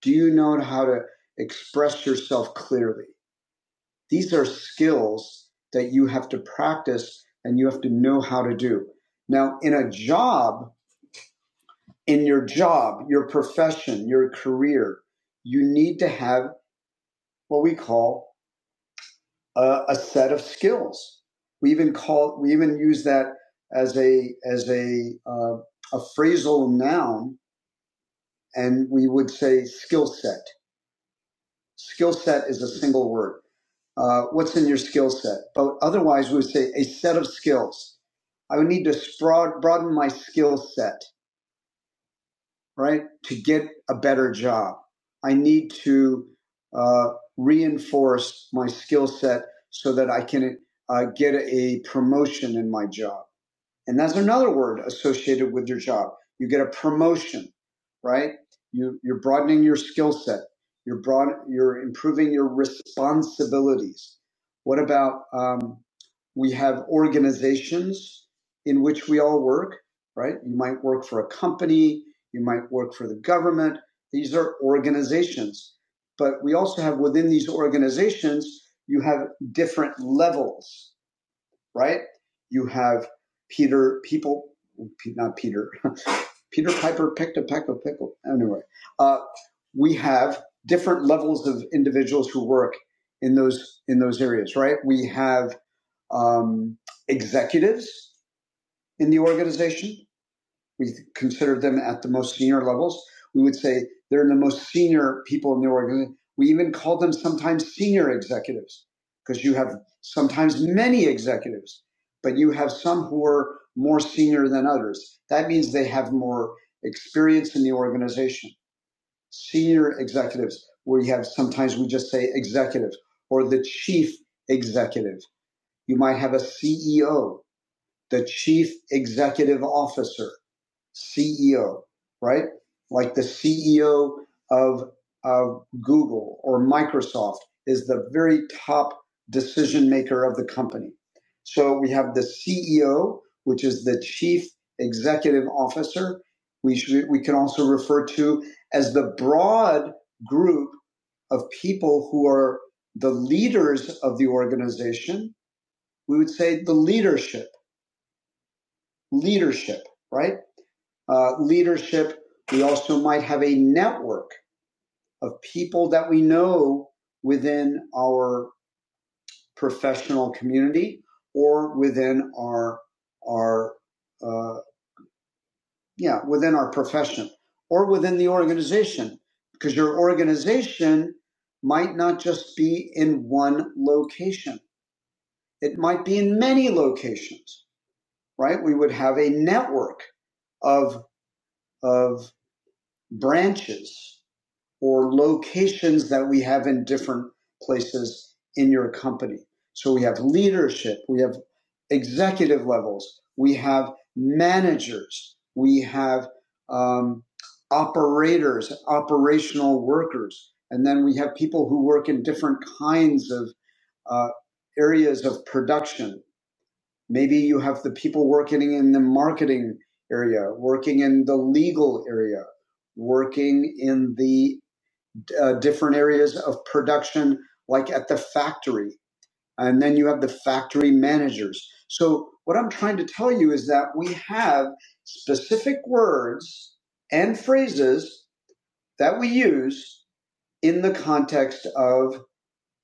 [SPEAKER 1] Do you know how to express yourself clearly? These are skills that you have to practice and you have to know how to do. Now, in a job, in your job, your profession, your career, you need to have what we call a, a set of skills. We even call, we even use that as a as a uh, a phrasal noun, and we would say skill set. Skill set is a single word uh, what's in your skill set. But otherwise, we would say a set of skills. I would need to sprout, broaden my skill set, right, to get a better job. I need to uh, reinforce my skill set so that I can uh, get a promotion in my job and that's another word associated with your job. You get a promotion, right? You, you're broadening your skill set. You're broad, you're improving your responsibilities. What about, um, we have organizations in which we all work, right? You might work for a company. You might work for the government. These are organizations, but we also have within these organizations, you have different levels right? You have Peter people, not Peter. Peter Piper picked a peck of pickle. Anyway, uh, we have different levels of individuals who work in those in those areas, right? We have um, executives in the organization. We consider them at the most senior levels. We would say they're the most senior people in the organization. We even call them sometimes senior executives because you have sometimes many executives, but you have some who are more senior than others. That means they have more experience in the organization. Senior executives, where you have sometimes we just say executive or the chief executive. You might have a CEO, the chief executive officer CEO, right? Like the CEO of, of Google or Microsoft is the very top decision maker of the company. So we have the CEO, which is the chief executive officer. We should, we can also refer to as the broad group of people who are the leaders of the organization. We would say the leadership, leadership, right? uh, leadership. We also might have a network of people that we know within our professional community or within our our uh, yeah within our profession or within the organization because your organization might not just be in one location it might be in many locations right we would have a network of of branches or locations that we have in different places in your company. So we have leadership, we have executive levels, we have managers, we have um, operators, operational workers, and then we have people who work in different kinds of uh, areas of production. Maybe you have the people working in the marketing area, working in the legal area, working in the uh, different areas of production, like at the factory. And then you have the factory managers. So, what I'm trying to tell you is that we have specific words and phrases that we use in the context of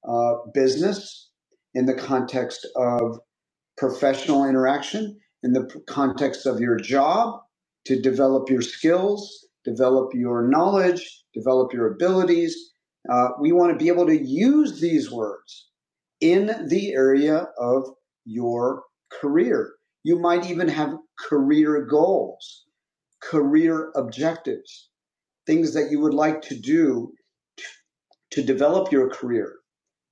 [SPEAKER 1] uh, business, in the context of professional interaction in the context of your job to develop your skills, develop your knowledge, develop your abilities. Uh, we want to be able to use these words in the area of your career. You might even have career goals, career objectives, things that you would like to do to to develop your career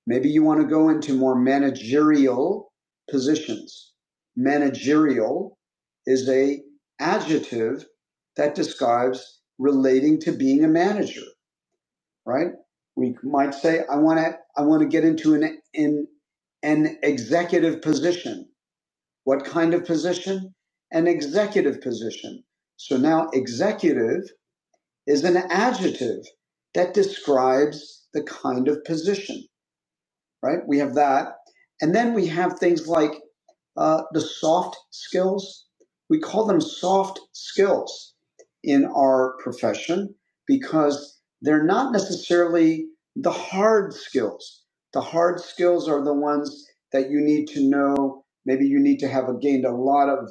[SPEAKER 1] Maybe you want to go into more managerial positions. Managerial is a adjective that describes relating to being a manager, right? We might say, I want to, I want to get into an, in an executive position. What kind of position? An executive position. So now executive is an adjective that describes the kind of position right? We have that. And then we have things like uh, the soft skills. We call them soft skills in our profession because they're not necessarily the hard skills. The hard skills are the ones that you need to know. Maybe you need to have gained a lot of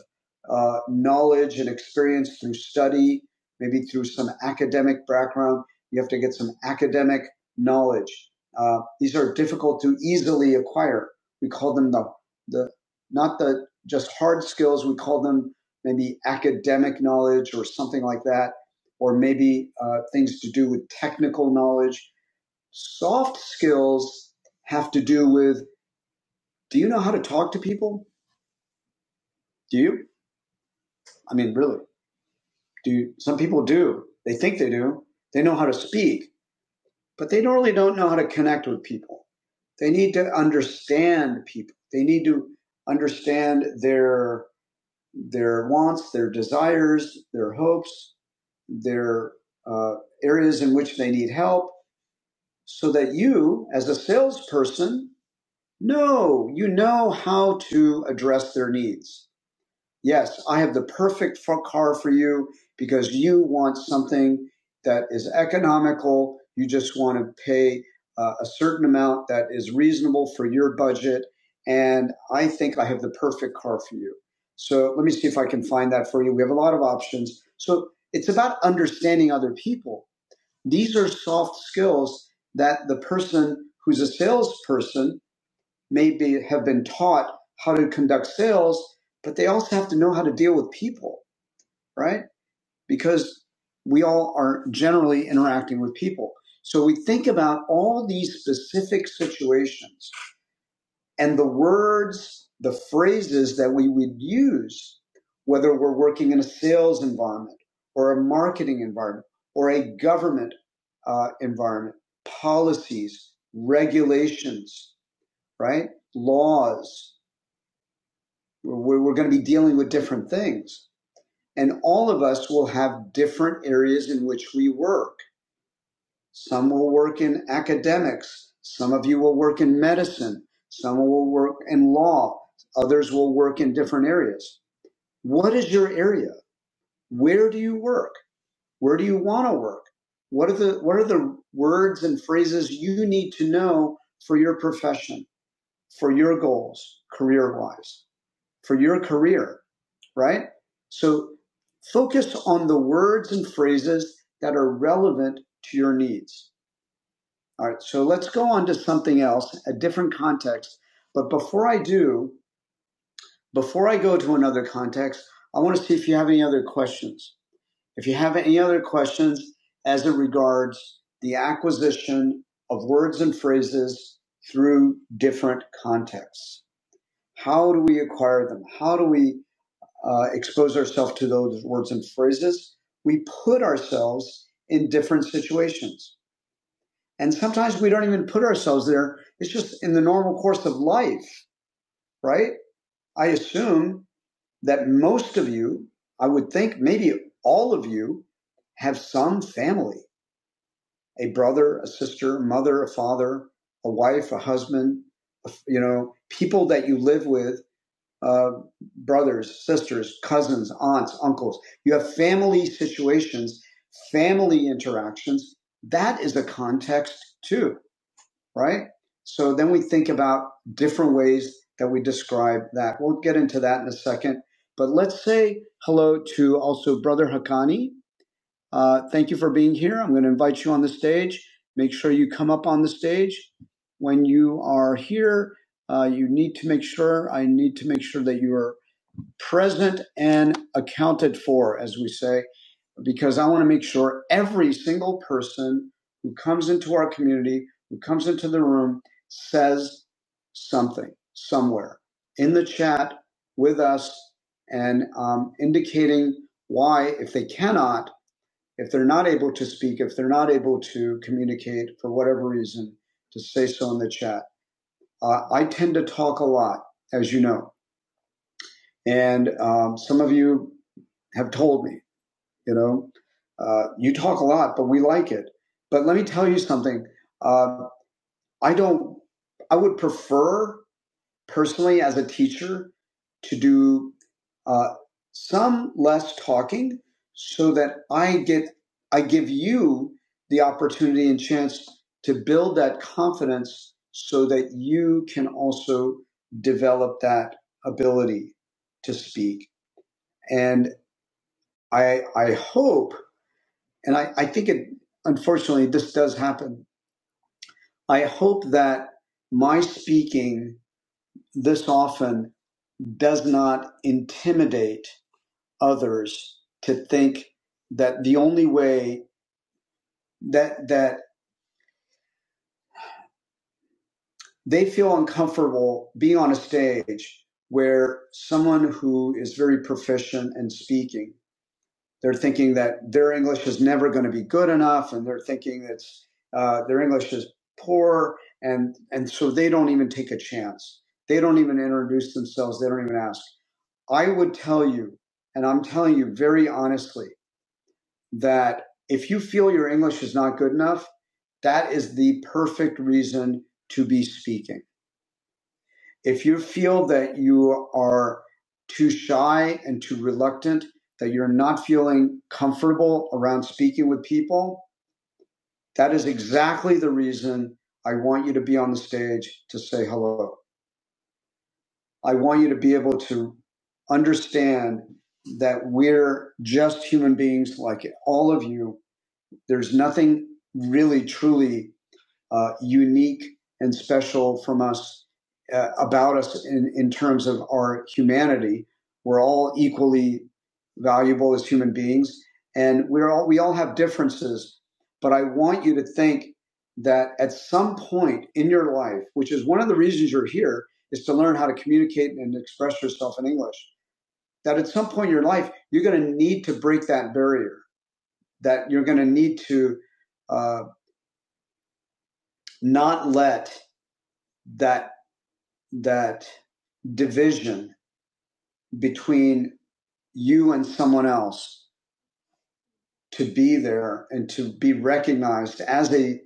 [SPEAKER 1] uh, knowledge and experience through study, maybe through some academic background. You have to get some academic knowledge. Uh, these are difficult to easily acquire. We call them the, the not the just hard skills. We call them maybe academic knowledge or something like that, or maybe uh, things to do with technical knowledge. Soft skills have to do with do you know how to talk to people? Do you? I mean, really? Do you, some people do? They think they do. They know how to speak but they don't really don't know how to connect with people. They need to understand people. They need to understand their their wants, their desires, their hopes, their uh, areas in which they need help, so that you, as a salesperson, know you know how to address their needs Yes, I have the perfect car for you because you want something that is economical. You just want to pay uh, a certain amount that is reasonable for your budget. And I think I have the perfect car for you. So let me see if I can find that for you. We have a lot of options. So it's about understanding other people. These are soft skills that the person who's a salesperson maybe have been taught how to conduct sales, but they also have to know how to deal with people, right? Because we all are generally interacting with people. So we think about all these specific situations and the words, the phrases that we would use, whether we're working in a sales environment or a marketing environment or a government uh, environment, policies, regulations, right? Laws. we're, we're going to be dealing with different things. And all of us will have different areas in which we work. Some will work in academics. Some of you will work in medicine. Some will work in law. Others will work in different areas. What is your area? Where do you work? Where do you want to work? What are the, what are the words and phrases you need to know for your profession, for your goals, career wise, for your career? right? So focus on the words and phrases that are relevant to your needs. All right, so let's go on to something else, a different context. But before I do, before I go to another context, I want to see if you have any other questions. If you have any other questions as it regards the acquisition of words and phrases through different contexts, how do we acquire them? How do we uh, expose ourselves to those words and phrases. We put ourselves in different situations. And sometimes we don't even put ourselves there. It's just in the normal course of life, right? I assume that most of you, I would think maybe all of you, have some family a brother, a sister, mother, a father, a wife, a husband, you know, people that you live with uh, brothers, sisters, cousins, aunts, uncles. You have family situations, family interactions. That is a context too, right? So then we think about different ways that we describe that. We'll get into that in a second. But let's say hello to also Brother Hakani. Uh, thank you for being here. I'm going to invite you on the stage. Make sure you come up on the stage. When you are here, uh, you need to make sure, I need to make sure that you are present and accounted for, as we say, because I want to make sure every single person who comes into our community, who comes into the room, says something somewhere in the chat with us and um, indicating why, if they cannot, if they're not able to speak, if they're not able to communicate for whatever reason, to say so in the chat. Uh, I tend to talk a lot, as you know. And um, some of you have told me. You know, uh, you talk a lot, but we like it. But let me tell you something. Uh, I don't. I would prefer personally as a teacher to do uh, some less talking, so that I get I give you the opportunity and chance to build that confidence, so that you can also develop that ability to speak. And I I hope And I, I think it, unfortunately, this does happen. I hope that my speaking this often does not intimidate others to think that the only way that, that they feel uncomfortable being on a stage where someone who is very proficient in speaking They're thinking that their English is never going to be good enough, and they're thinking that uh, their English is poor, and and so they don't even take a chance. They don't even introduce themselves. They don't even ask. I would tell you, and I'm telling you very honestly, that if you feel your English is not good enough, that is the perfect reason to be speaking if you feel that you are too shy and too reluctant, that you're not feeling comfortable around speaking with people, that is exactly the reason I want you to be on the stage to say hello. I want you to be able to understand that we're just human beings like all of you. There's nothing really truly uh, unique and special from us uh, about us in, in terms of our humanity. We're all equally valuable as human beings, and we're all we all have differences. But I want you to think that at some point in your life, which is one of the reasons you're here, is to learn how to communicate and express yourself in English. That at some point in your life, you're going to need to break that barrier. That you're going to need to uh, not let that that division between you and someone else to be there and to be recognized as a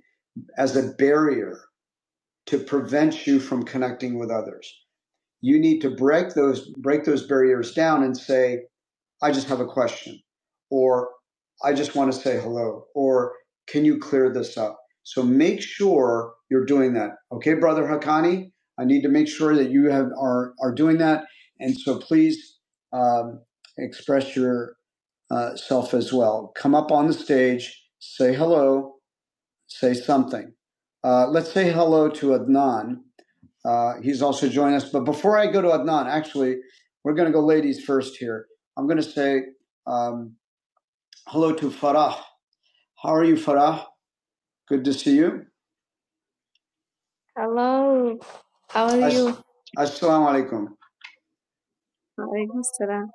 [SPEAKER 1] as a barrier to prevent you from connecting with others you need to break those break those barriers down and say I just have a question, or I just want to say hello, or can you clear this up? So make sure you're doing that. Okay, brother Hakani, I need to make sure that you have are are doing that, and so please um, express yourself uh, as well. Come up on the stage, say hello, say something. Uh, let's say hello to Adnan. Uh, he's also joining us. But before I go to Adnan, actually, we're going to go ladies first here. I'm going to say um, hello to Farah. How are you, Farah? Good to see you. Hello. How are As- you? Assalamu alaikum. Alaikum salam.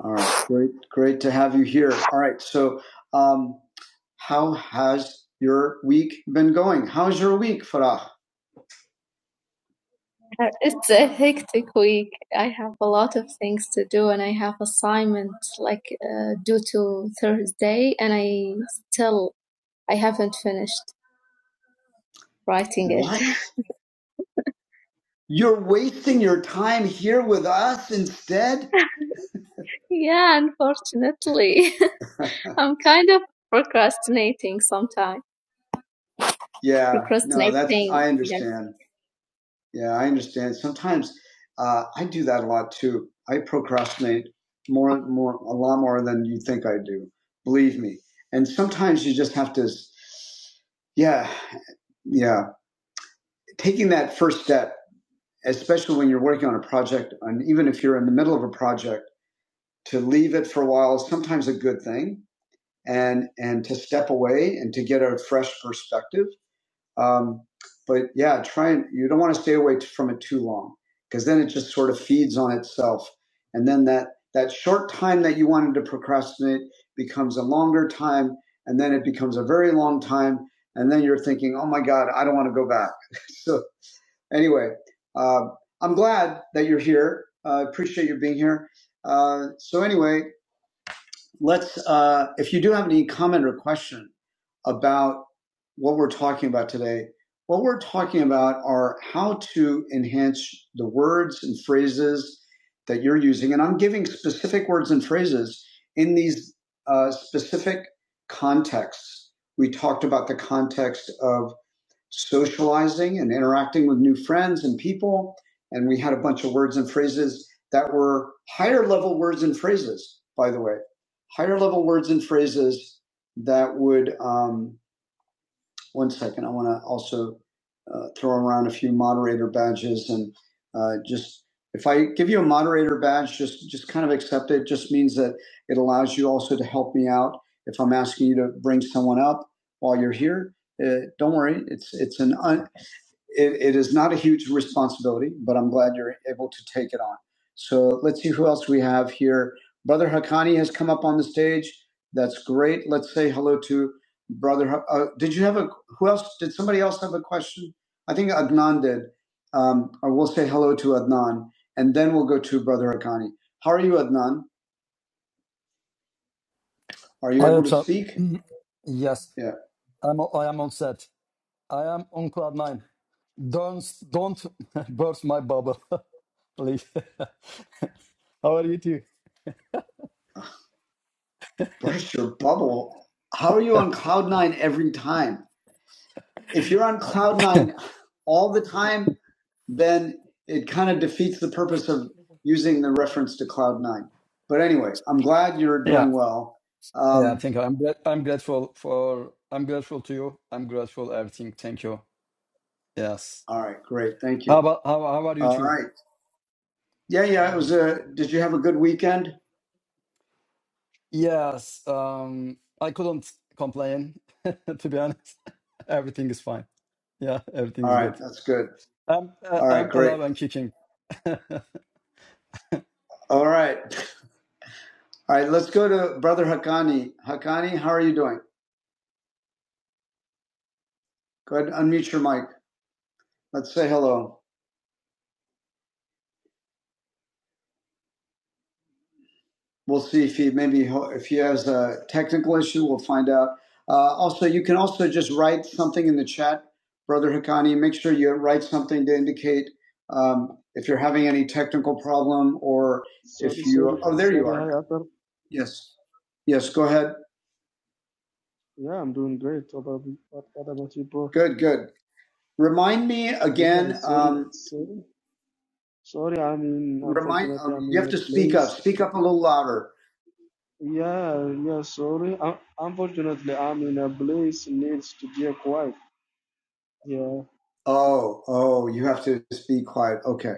[SPEAKER 1] All right, great, great to have you here. All right, so um, how has your week been going? How's your week, Farah? Uh, It's a hectic week. I have a lot of things to do, and I have assignments like uh, due to Thursday, and I still I haven't finished writing it. What? You're wasting your time here with us instead? Yeah, unfortunately, I'm kind of procrastinating sometimes. Yeah, no, that's Procrastinating. I Yeah. understand. Yeah, I understand. Sometimes uh, I do that a lot too. I procrastinate more, more, a lot more than you think I do. Believe me. And sometimes you just have to, s- yeah, yeah. Taking that first step, especially when you're working on a project, and even if you're in the middle of a project, to leave it for a while is sometimes a good thing. And and to step away and to get a fresh perspective um, but yeah, try and you don't want to stay away t- from it too long because then it just sort of feeds on itself, and then that that short time that you wanted to procrastinate becomes a longer time, and then it becomes a very long time, and then you're thinking, oh my god, I don't want to go back. so anyway, uh, I'm glad that you're here. I Uh, appreciate you being here. Uh, so anyway, let's uh, if you do have any comment or question about what we're talking about today what we're talking about are how to enhance the words and phrases that you're using and i'm giving specific words and phrases in these uh, specific contexts we talked about the context of socializing and interacting with new friends and people. And we had a bunch of words and phrases that were higher level words and phrases, by the way, higher level words and phrases that would, um, one second, I want to also uh, throw around a few moderator badges and uh, just if I give you a moderator badge, just just kind of accept it. Just means that it allows you also to help me out if I'm asking you to bring someone up while you're here. Uh, don't worry, it's it's an un, it, it is not a huge responsibility, but I'm glad you're able to take it on. So let's see who else we have here. Brother Hakani has come up on the stage. That's great. Let's say hello to Brother. Ha- Uh, did you have a? Who else? Did somebody else have a question? I think Adnan did. Um, or we'll say hello to Adnan, and then we'll go to Brother Hakani. How are you, Adnan? Are you
[SPEAKER 4] Hi,
[SPEAKER 1] able to
[SPEAKER 4] Otto.
[SPEAKER 1] speak?
[SPEAKER 4] Mhm. Yes,
[SPEAKER 1] Yeah.
[SPEAKER 4] I'm, o- I am on set. I am on cloud nine. Don't, don't burst my bubble, please. How are you two?
[SPEAKER 1] Burst your bubble. How are you on cloud nine every time? if you're on cloud nine all the time, then it kind of defeats the purpose of using the reference to cloud nine. But anyway, I'm glad you're
[SPEAKER 4] Yeah,
[SPEAKER 1] doing well.
[SPEAKER 4] yeah.
[SPEAKER 1] Um,
[SPEAKER 4] Thank you. I'm, gra- I'm grateful for. I'm grateful to you. I'm grateful everything. Thank you. Yes.
[SPEAKER 1] all right, great, thank
[SPEAKER 4] How
[SPEAKER 1] you.
[SPEAKER 4] about how, how are you
[SPEAKER 1] All
[SPEAKER 4] two?
[SPEAKER 1] right, yeah, yeah.
[SPEAKER 4] How
[SPEAKER 1] It
[SPEAKER 4] are you
[SPEAKER 1] was
[SPEAKER 4] too?
[SPEAKER 1] a. Did you have a good weekend?
[SPEAKER 4] Yes. Um, I couldn't complain. to be honest, everything is fine. Yeah, everything
[SPEAKER 1] All
[SPEAKER 4] is
[SPEAKER 1] right,
[SPEAKER 4] good.
[SPEAKER 1] that's good.
[SPEAKER 4] I'm uh,
[SPEAKER 1] All right,
[SPEAKER 4] I'm
[SPEAKER 1] great.
[SPEAKER 4] alive and kicking,
[SPEAKER 1] All right, all right. Let's go to Brother Hakani. Hakani, how are you doing? Go ahead, and unmute your mic. Let's say hello. We'll see if he maybe if he has a technical issue. We'll find out. Uh, also, you can also just write something in the chat, Brother Hakani. Make sure you write something to indicate um, if you're having any technical problem or
[SPEAKER 5] Sorry,
[SPEAKER 1] if you.
[SPEAKER 5] sorry,
[SPEAKER 1] Oh, there you
[SPEAKER 5] sorry.
[SPEAKER 1] are
[SPEAKER 5] Hi,
[SPEAKER 1] now.
[SPEAKER 5] Arthur.
[SPEAKER 1] Yes, yes. Go ahead.
[SPEAKER 5] Yeah, I'm doing great. Probably. What, what about you, bro?
[SPEAKER 1] Good, good. Remind me
[SPEAKER 5] Yeah,
[SPEAKER 1] again.
[SPEAKER 5] sorry,
[SPEAKER 1] Um,
[SPEAKER 5] sorry, sorry. I mean,
[SPEAKER 1] remind.
[SPEAKER 5] unfortunately,
[SPEAKER 1] Um,
[SPEAKER 5] I'm
[SPEAKER 1] you
[SPEAKER 5] in
[SPEAKER 1] have
[SPEAKER 5] a
[SPEAKER 1] to speak
[SPEAKER 5] place.
[SPEAKER 1] up. Speak up a little louder.
[SPEAKER 5] Yeah, yeah. Sorry. Un unfortunately, I'm in a place needs to be quiet. Yeah,
[SPEAKER 1] Oh, oh. You have to speak quiet. Okay.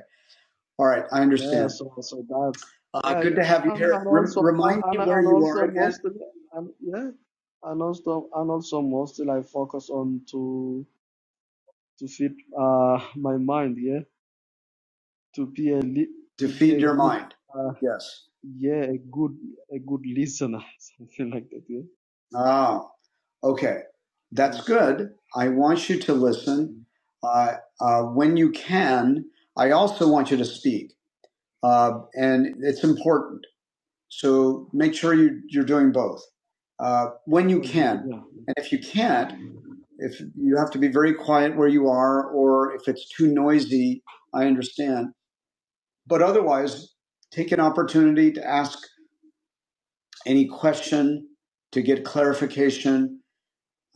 [SPEAKER 1] All right. I
[SPEAKER 5] yeah.
[SPEAKER 1] understand.
[SPEAKER 5] So, so that's
[SPEAKER 1] Uh,
[SPEAKER 5] yeah, yeah.
[SPEAKER 1] good to have you
[SPEAKER 5] And,
[SPEAKER 1] here.
[SPEAKER 5] and
[SPEAKER 1] Rem-
[SPEAKER 5] also,
[SPEAKER 1] remind me
[SPEAKER 5] and,
[SPEAKER 1] where
[SPEAKER 5] and
[SPEAKER 1] you are
[SPEAKER 5] also
[SPEAKER 1] again.
[SPEAKER 5] mostly, and yeah, and also, and also mostly, I focus on to to feed uh my mind. Yeah. to be a li-
[SPEAKER 1] To
[SPEAKER 5] to be
[SPEAKER 1] feed
[SPEAKER 5] a
[SPEAKER 1] your
[SPEAKER 5] good
[SPEAKER 1] mind.
[SPEAKER 5] uh,
[SPEAKER 1] Yes.
[SPEAKER 5] yeah a good a good listener something like that yeah
[SPEAKER 1] Ah, okay.
[SPEAKER 5] yeah
[SPEAKER 1] That's good. I want you to listen uh, uh, when you can. I also want you to speak, uh, and it's important. So make sure you, you're doing both uh, when you
[SPEAKER 5] oh, yeah
[SPEAKER 1] can.
[SPEAKER 5] yeah
[SPEAKER 1] And if you can't, if you have to be very quiet where you are, or if it's too noisy, I understand. But otherwise, take an opportunity to ask any question, to get clarification.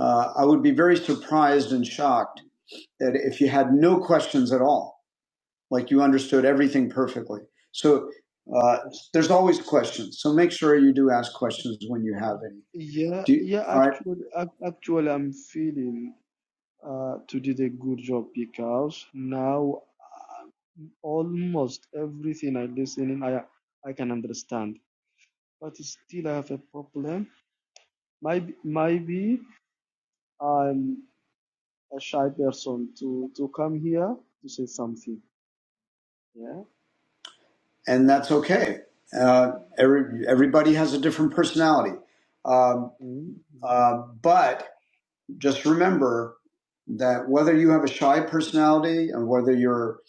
[SPEAKER 1] Uh, I would be very surprised and shocked that if you had no questions at all, like you understood everything perfectly. So uh,
[SPEAKER 5] Oh,
[SPEAKER 1] there's always questions. So make sure you do ask questions when you
[SPEAKER 5] oh.
[SPEAKER 1] have any
[SPEAKER 5] yeah
[SPEAKER 1] Do you,
[SPEAKER 5] yeah
[SPEAKER 1] all right,
[SPEAKER 5] actually ac- actually I'm feeling uh to did a good job because now almost everything I listen in I I can understand but still I have a problem maybe maybe I'm a shy person to to come here to say something yeah
[SPEAKER 1] and that's okay. Uh, every everybody has a different personality, um, uh, but just remember that whether you have a shy personality and whether you're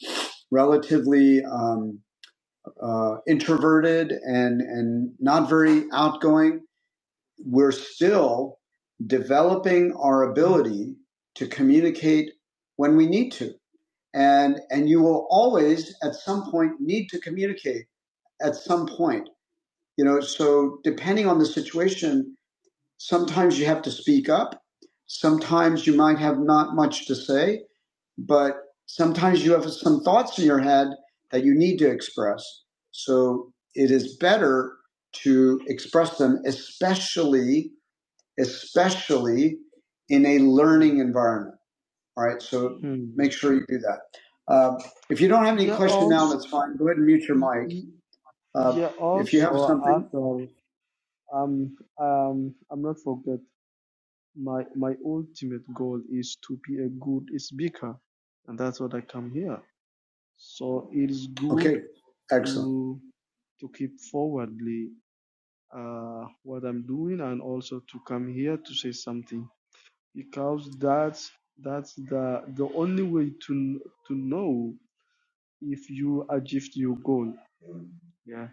[SPEAKER 1] relatively um, uh, introverted and and not very outgoing, we're still developing our ability to communicate when we need to, and and you will always at some point need to communicate at some point You know, so depending on the situation, sometimes you have to speak up. Sometimes you might have not much to say, but sometimes you have some thoughts in your head that you need to express. So it is better to express them, especially, especially in a learning
[SPEAKER 5] Mm.
[SPEAKER 1] environment. All right. So
[SPEAKER 5] Mm.
[SPEAKER 1] make sure you do that. Uh, if you don't have any
[SPEAKER 5] Yeah,
[SPEAKER 1] question now,
[SPEAKER 5] also,
[SPEAKER 1] that's fine. Go ahead and mute your mic.
[SPEAKER 5] y-
[SPEAKER 1] Uh,
[SPEAKER 5] yeah,
[SPEAKER 1] if you have
[SPEAKER 5] also
[SPEAKER 1] something,
[SPEAKER 5] after um um I'm not forget my my ultimate goal is to be a good speaker, and that's what I come here. So it is good
[SPEAKER 1] okay. Excellent.
[SPEAKER 5] to to keep forwardly uh, what I'm doing and also to come here to say something because that's that's the the only way to kn- to know if you achieved your goal. Yeah.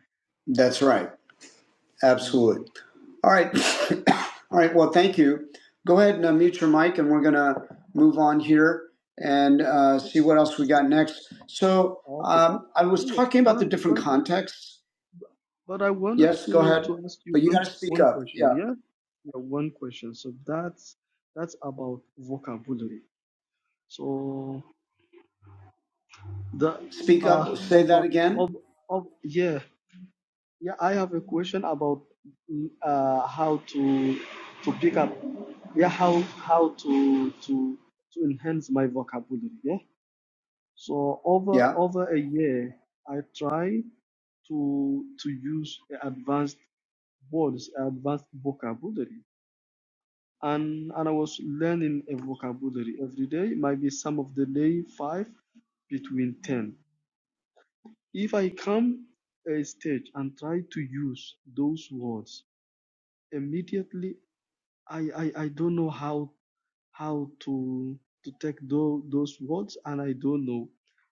[SPEAKER 1] That's right. Absolutely.
[SPEAKER 5] Mm,
[SPEAKER 1] All right. All right. Well, thank you. Go ahead and unmute your mic, and we're going to move on here and uh, see
[SPEAKER 5] okay.
[SPEAKER 1] what else we got next. So
[SPEAKER 5] Okay. But,
[SPEAKER 1] um, I was talking about
[SPEAKER 5] but
[SPEAKER 1] the different
[SPEAKER 5] but
[SPEAKER 1] contexts.
[SPEAKER 5] but I wanted
[SPEAKER 1] Yes, go
[SPEAKER 5] to
[SPEAKER 1] ahead.
[SPEAKER 5] to ask you
[SPEAKER 1] But you
[SPEAKER 5] one
[SPEAKER 1] got to speak
[SPEAKER 5] one
[SPEAKER 1] up.
[SPEAKER 5] question.
[SPEAKER 1] Yeah.
[SPEAKER 5] Yeah, yeah, one question. So that's that's about vocabulary. So the
[SPEAKER 1] Speak
[SPEAKER 5] uh
[SPEAKER 1] up. Say that
[SPEAKER 5] over
[SPEAKER 1] again.
[SPEAKER 5] of of yeah yeah I have a question about mm, uh how to to pick up yeah how how to to to enhance my vocabulary. Yeah. So over
[SPEAKER 1] Yeah.
[SPEAKER 5] over a year I tried. to to use advanced words, advanced vocabulary. And and I was learning a vocabulary every day, maybe some of the day five between ten. If I come a stage and try to use those words immediately, I, I, I don't know how how to to take tho- those words and I don't know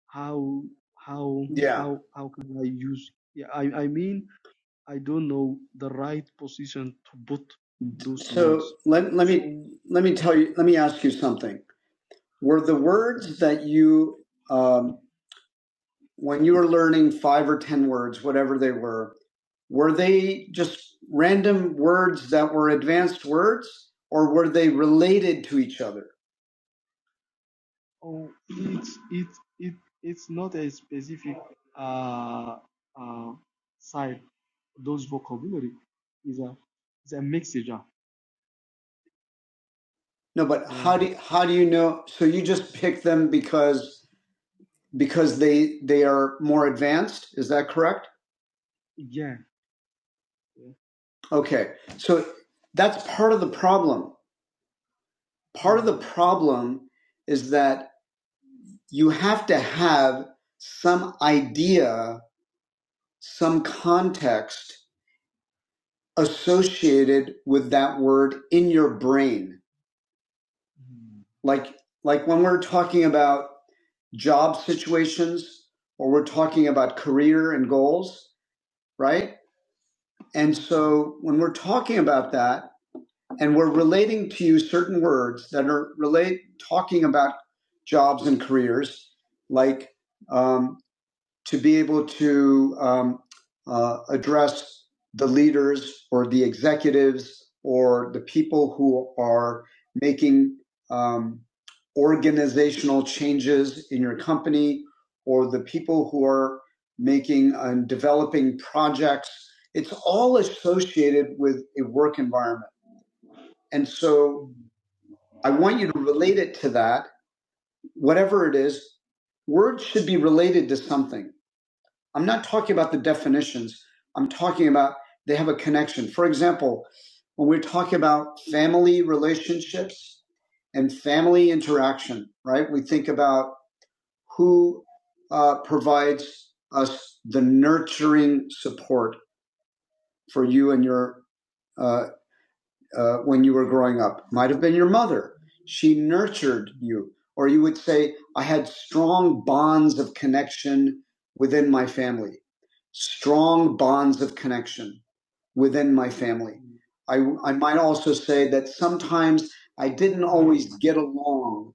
[SPEAKER 5] how how
[SPEAKER 1] Yeah.
[SPEAKER 5] how how can I use yeah I, I mean I don't know the right position to put those
[SPEAKER 1] So
[SPEAKER 5] words.
[SPEAKER 1] let, let me
[SPEAKER 5] So
[SPEAKER 1] let me tell you. Let me ask you something. Were the
[SPEAKER 5] okay.
[SPEAKER 1] words that you um, when you were learning five or ten words, whatever they were, were they just random words that were advanced words or were they related to each other
[SPEAKER 5] Oh, it's it it it's not a specific uh uh side. Those vocabulary is a is a mixture.
[SPEAKER 1] no but
[SPEAKER 5] Yeah.
[SPEAKER 1] how do how do you know so you just pick them because because they they are more advanced is that correct
[SPEAKER 5] Yeah. Yeah.
[SPEAKER 1] okay so that's part of the problem part of the
[SPEAKER 5] Hmm.
[SPEAKER 1] problem is that you have to have some idea some context associated with that word in your brain
[SPEAKER 5] Hmm.
[SPEAKER 1] like like when we're talking about job situations or we're talking about career and goals, right? And
[SPEAKER 5] Yeah.
[SPEAKER 1] so when we're talking about that and we're relating to you certain words that are relate talking about jobs and careers, like um, to be able to um, uh, address the leaders or the executives or the people who are making um, organizational changes in your company or the people who are making and developing projects. It's all associated with a work environment. And so
[SPEAKER 5] Hmm.
[SPEAKER 1] I want you to relate it to that, whatever it is. Words should be related to something I'm not talking about the definitions. I'm talking about they have a connection. For example, when we're talking about family relationships and family interaction, right? We think about who uh, provides us the nurturing support for you and your uh, uh, when you were growing up. Might have been your mother. She nurtured you. Or you would say, I had strong bonds of connection within my family. Strong bonds of connection within my family. I, I might also say that sometimes I didn't always get along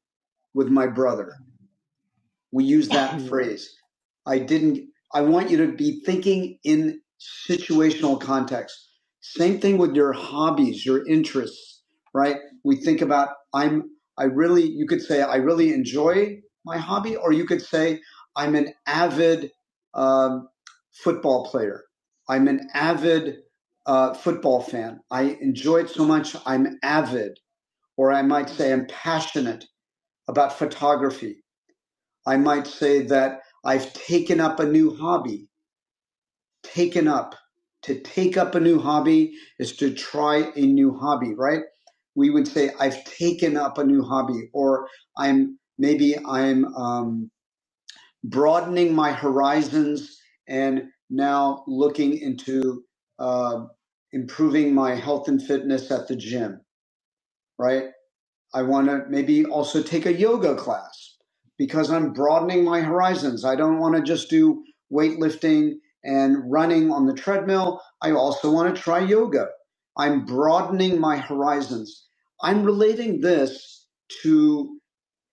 [SPEAKER 1] with my brother. We use that
[SPEAKER 5] yeah.
[SPEAKER 1] phrase. I didn't, I want you to be thinking in situational context. Same thing with your hobbies, your interests, right? We think about, I'm, I really, you could say, I really enjoy my hobby, or you could say, I'm an avid um, football player. I'm an avid uh, football fan. I enjoy it so much, I'm avid. Or I might
[SPEAKER 5] Hmm.
[SPEAKER 1] say, I'm passionate about photography I might say that I've taken up a new hobby. Taken up. To take up a new hobby is to try a new hobby, right? We would say, I've taken up a new hobby, or I'm maybe I'm um, broadening my horizons and now looking into uh, improving my health and fitness at the gym, right? I want to maybe also take a yoga class because I'm broadening my horizons. I don't want to just do weightlifting and running on the treadmill. I also want to try yoga. I'm broadening my horizons. I'm relating this to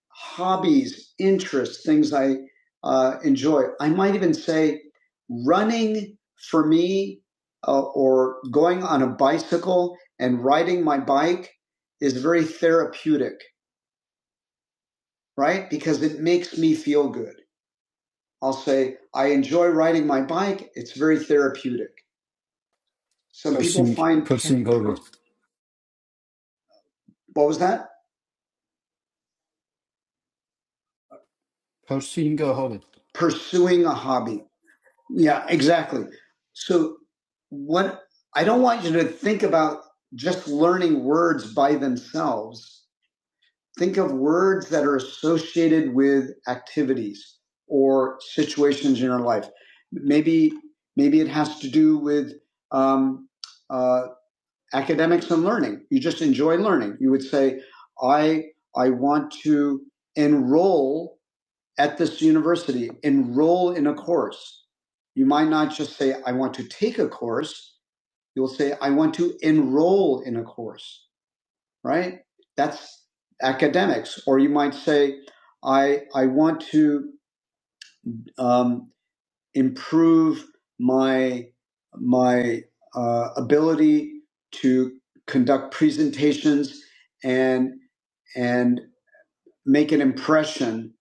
[SPEAKER 1] hobbies, interests, things I uh, enjoy. I might even say running for me uh, or going on a bicycle and riding my bike is very therapeutic right? Because it makes me feel good. I'll say, I enjoy riding my bike. It's very therapeutic. Some people
[SPEAKER 4] pursuing
[SPEAKER 1] find, pe-
[SPEAKER 4] pursuing hobby.
[SPEAKER 1] per- what was that?
[SPEAKER 4] Pursuing a hobby.
[SPEAKER 1] Pursuing a hobby. Yeah, exactly. So, what I don't want you to think about just learning words by themselves. Think of words that are associated with activities or situations in your life. Maybe, maybe it has to do with um, uh, academics and learning. You just enjoy learning. You would say, I, I want to enroll at this university, enroll in a course. You might not just say, I want to take a course. You'll say, I want to enroll in a course, right? That's academics. Or you might say, I, I want to, um, improve my my uh, ability to conduct presentations and and make an impression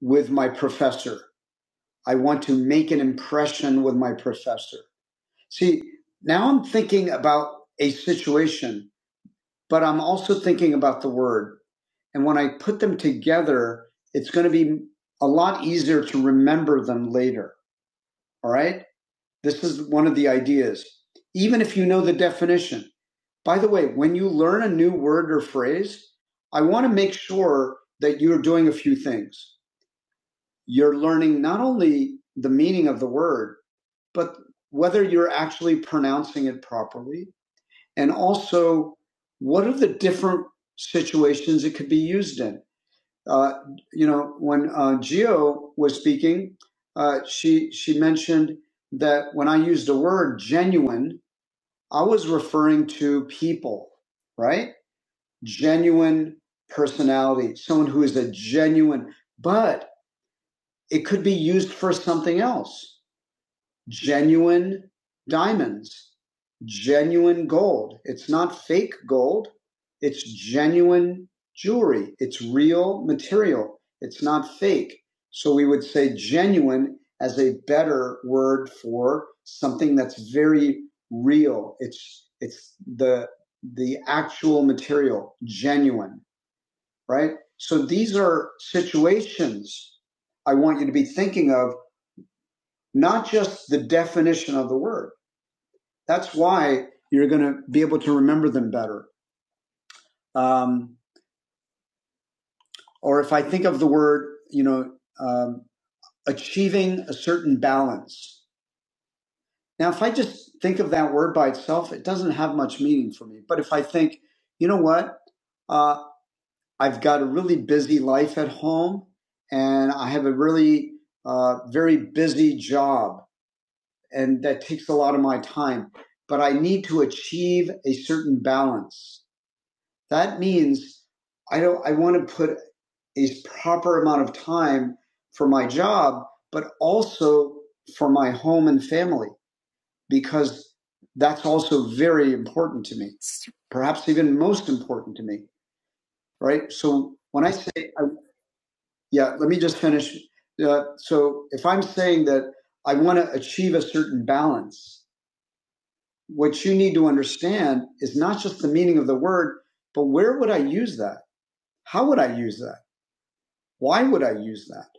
[SPEAKER 1] with my professor. I want to make an impression with my professor. See, now I'm thinking about a situation, but I'm also thinking about the word. And when I put them together, it's going to be a lot easier to remember them later. All right This is one of the ideas. Even if you know the definition. By the way, when you learn a new word or phrase, I want to make sure that you're doing a few things. You're learning not only the meaning of the word, but whether you're actually pronouncing it properly, and also what are the different situations it could be used in. Uh, you know, when uh, Geo was speaking, uh, she she mentioned that when I used the word genuine, I was referring to people, right? Genuine personality, someone who is a genuine, but it could be used for something else genuine diamonds, genuine gold. It's not fake gold. It's genuine jewelry. It's real material. It's not fake. So we would say genuine as a better word for something that's very real. It's, it's the, the actual material, genuine, right? So these are situations I want you to be thinking of, not just the definition of the word that's why you're going to be able to remember them better. Um, or if I think of the word, you know, um, achieving a certain balance. Now, if I just think of that word by itself, it doesn't have much meaning for me. But if I think, you know what, uh, I've got a really busy life at home, and I have a really uh, very busy job, and that takes a lot of my time. But I need to achieve a certain balance. That means I don't I want to put a proper amount of time for my job, but also for my home and family, because that's also very important to me, perhaps even most important to me, right? So when I say, I, yeah, let me just finish. Uh, so if I'm saying that I want to achieve a certain balance, what you need to understand is not just the meaning of the word, but where would I use that? How would I use that? Why would I use that?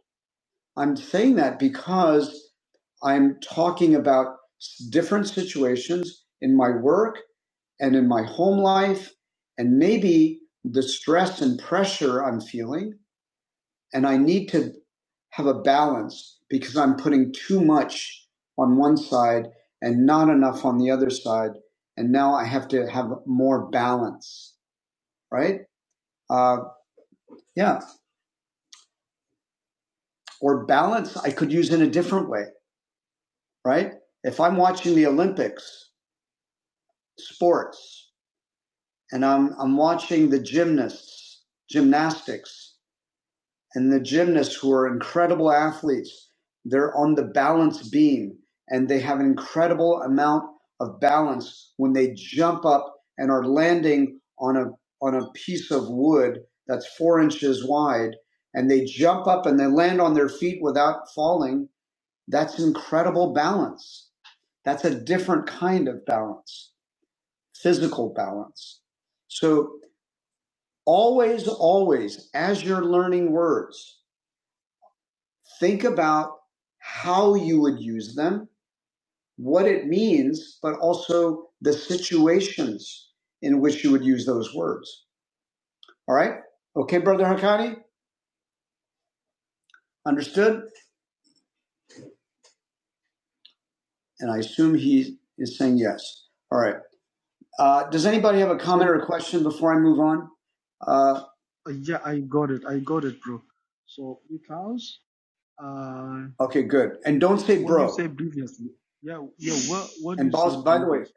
[SPEAKER 1] I'm saying that because I'm talking about different situations in my work and in my home life, and maybe the stress and pressure I'm feeling. And I need to have a balance because I'm putting too much on one side and not enough on the other side. And now I have to have more balance, right? Uh, yeah. Or balance I could use in a different way right? If I'm watching the Olympics, sports, and I'm, I'm watching the gymnasts, gymnastics, and the gymnasts who are incredible athletes, they're on the balance beam and they have an incredible amount of balance when they jump up and are landing on a, on a piece of wood that's four inches wide and they jump up and they land on their feet without falling that's incredible balance. That's a different kind of balance, physical balance. So always, always, as you're learning words, think about how you would use them, what it means, but also the situations in which you would use those words. All right? Okay, Brother Hakati? Understood? And I assume he is saying yes. All right. Uh, does anybody have a
[SPEAKER 5] So
[SPEAKER 1] comment
[SPEAKER 5] the,
[SPEAKER 1] or a question before I move on? Uh,
[SPEAKER 5] uh, yeah, I got it. I got it, bro. So because uh,
[SPEAKER 1] Okay, good. And don't say
[SPEAKER 5] what you
[SPEAKER 1] bro.
[SPEAKER 5] said previously. Yeah. Yeah. What what
[SPEAKER 1] And
[SPEAKER 5] you
[SPEAKER 1] boss,
[SPEAKER 5] said
[SPEAKER 1] by the way,
[SPEAKER 5] previously.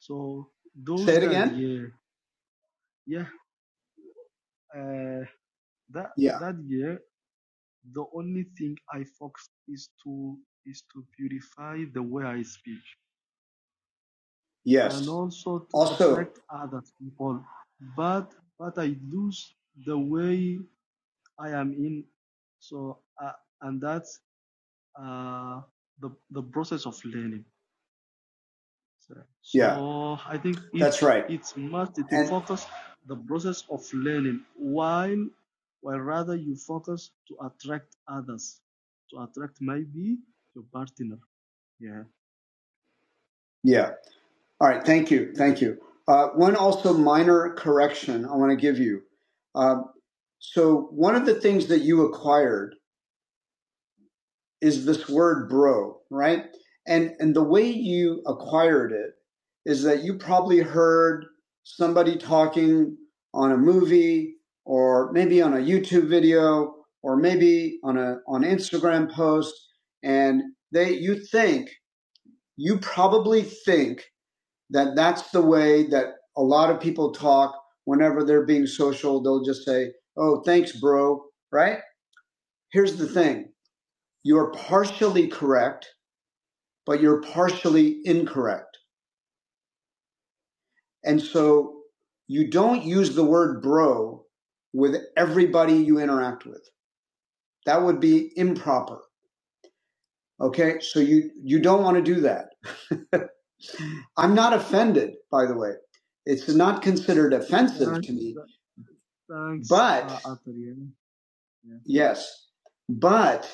[SPEAKER 5] So those
[SPEAKER 1] say it
[SPEAKER 5] that
[SPEAKER 1] again.
[SPEAKER 5] year, yeah, uh, that
[SPEAKER 1] Yeah.
[SPEAKER 5] that year, the only thing I focus is to is to purify the way I speak and
[SPEAKER 1] Yes.
[SPEAKER 5] also to
[SPEAKER 1] Also,
[SPEAKER 5] attract other people. But but I lose the way I am in. So uh, and that's uh, the the process of learning. So
[SPEAKER 1] yeah,
[SPEAKER 5] so I think
[SPEAKER 1] that's
[SPEAKER 5] it's
[SPEAKER 1] right.
[SPEAKER 5] it's must to
[SPEAKER 1] And
[SPEAKER 5] focus the process of learning while while rather you focus to attract others, to attract maybe your partner. Yeah.
[SPEAKER 1] yeah. All right. Thank you.
[SPEAKER 5] yeah.
[SPEAKER 1] Thank you. Uh, one also minor correction I want to give you. Um, so, one of the things that you acquired is this word bro, right? And and the way you acquired it is that you probably heard somebody talking on a movie or maybe on a YouTube video or maybe on a on Instagram post and they you think you probably think that that's the way that a lot of people talk whenever they're being social they'll just say oh thanks bro right here's the thing you're partially correct but you're partially incorrect. And so you don't use the word bro with everybody you interact with. That would be improper. Okay. So you, you don't want to do that. I'm not offended, by the way. It's not considered offensive
[SPEAKER 5] Thanks.
[SPEAKER 1] to me,
[SPEAKER 5] th- Thanks,
[SPEAKER 1] but
[SPEAKER 5] uh, Arthur. Yeah. yeah.
[SPEAKER 1] yes, but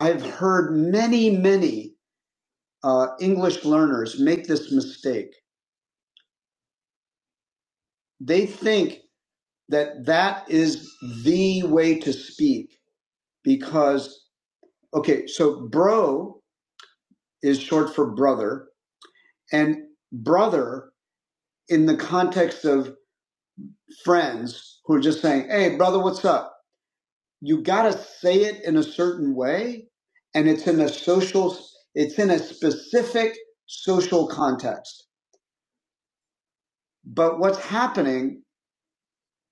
[SPEAKER 1] I've heard many, many uh, English learners make this mistake. They think that that is the way to speak because okay so bro is short for brother and brother in the context of friends who are just saying hey brother what's up you got to say it in a certain way and it's in a social it's in a specific social context but what's happening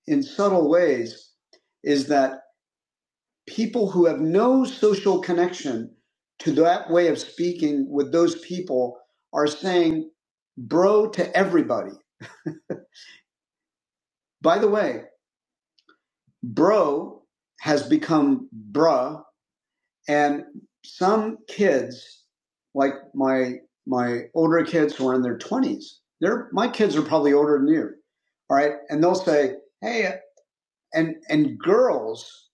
[SPEAKER 1] in subtle ways is that. people who have no social connection to that way of speaking with those people are saying bro to everybody. By the way, bro has become bruh and some kids like my my older kids who are in their 20s, they're my kids are probably older than you. All right? And they'll say, "Hey, and and girls,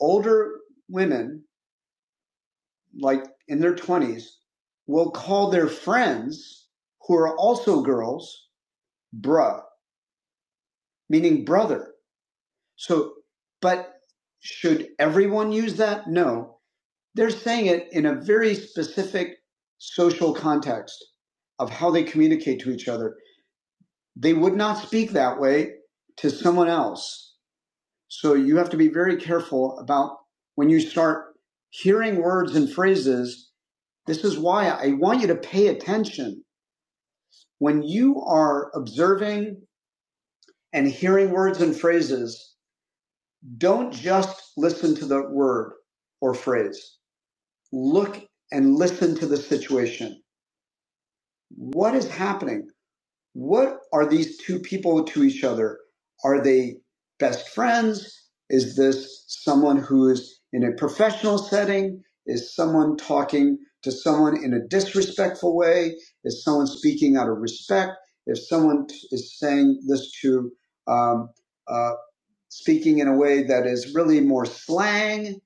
[SPEAKER 1] older women like in their 20s will call their friends who are also girls bruh, meaning brother. So, but should everyone use that? No. They're saying it in a very specific social context of how they communicate to each other. They would not speak that way to someone else. So you have to be very careful about when you start hearing words and phrases. This is why I want you to pay attention when you are observing and hearing words and phrases, don't just listen to the word or phrase. Look and listen to the situation. What is happening? what are these two people to each other? Are they best friends? Is this someone who is in a professional setting? Is someone talking to someone in a disrespectful way? Is someone speaking out of respect? If someone is saying this to um, uh, speaking in a way that is really more slang,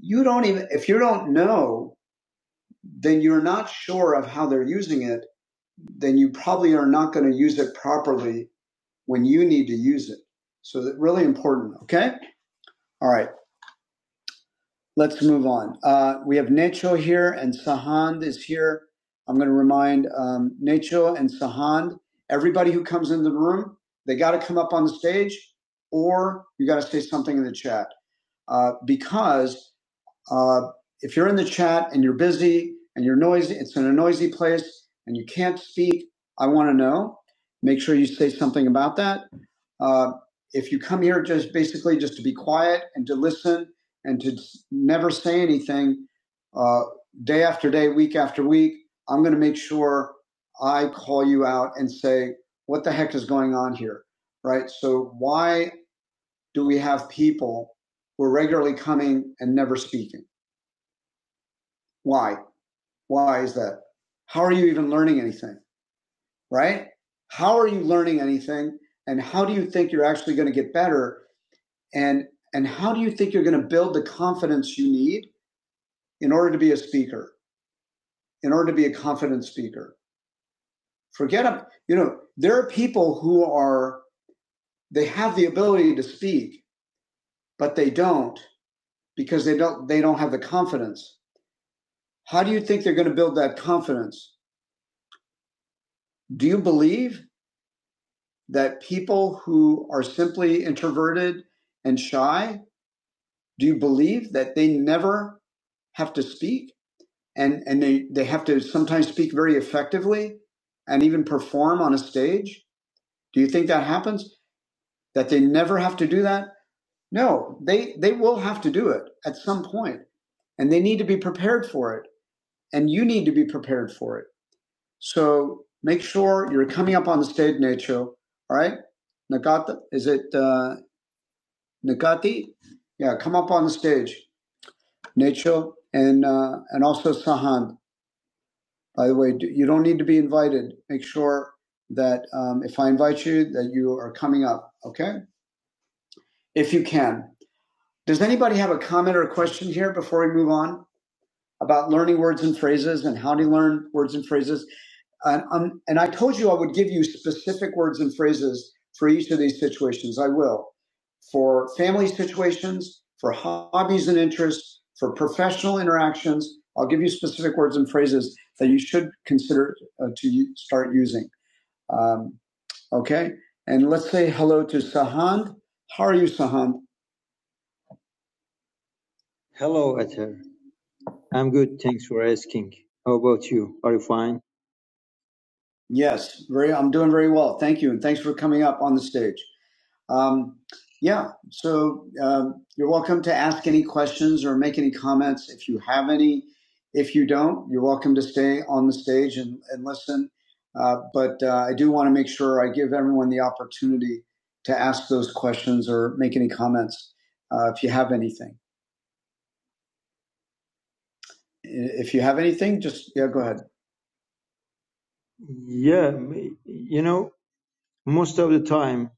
[SPEAKER 1] you don't even, if you don't know, then you're not sure of how they're using it, then you probably are not going to use it properly when you need to use it. So that really important. Okay. All right. Let's move on. Uh, we have Necho here and Sahand is here. I'm going to remind um, Necho and Sahand, everybody who comes into the room, they got to come up on the stage or you got to say something in the chat uh, because uh, if you're in the chat and you're busy and you're noisy, it's in a noisy place and you can't speak, I want to know. Make sure you say something about that. Uh, if you come here just basically just to be quiet and to listen and to never say anything, uh, day after day, week after week, I'm going to make sure I call you out and say, what the heck is going on here? Right? So, why do we have people who are regularly coming and never speaking? Why? Why is that? How are you even learning anything, right? How are you learning anything? And how do you think you're actually going to get better? And, and how do you think you're going to build the confidence you need in order to be a speaker, in order to be a confident speaker? Forget them. You know, there are people who are, they have the ability to speak, but they don't because they don't, they don't have the confidence. How do you think they're going to build that confidence? Do you believe that people who are simply introverted and shy, do you believe that they never have to speak and, and they, they have to sometimes speak very effectively and even perform on a stage? Do you think that happens? That they never have to do that? No, they, they will have to do it at some point and they need to be prepared for it. And you need to be prepared for it. So make sure you're coming up on the stage, Nacho. All right? Nagata, is it? Uh, Nikati, yeah, come up on the stage, Nacho, and uh, and also Sahand. By the way, do, you don't need to be invited. Make sure that um, if I invite you, that you are coming up. Okay, if you can. Does anybody have a comment or a question here before we move on about learning words and phrases and how to learn words and phrases? And, um, and I told you I would give you specific words and phrases for each of these situations. I will. For family situations, for hobbies and interests, for professional interactions, I'll give you specific words and phrases that you should consider uh, to start using. Um, okay. And let's say hello to Sahand. How are you, Sahand?
[SPEAKER 6] Hello, Ether. I'm good, thanks for asking. How about you? Are you fine?
[SPEAKER 1] Yes, very. I'm doing very well. Thank you, and thanks for coming up on the stage. Um, yeah, so um, you're welcome to ask any questions or make any comments if you have any. If you don't, you're welcome to stay on the stage and, and listen. Uh, but uh, I do want to make sure I give everyone the opportunity to ask those questions or make any comments uh, if you have anything. If you have anything, just yeah, go ahead.
[SPEAKER 6] Yeah, m- you know, most of the time,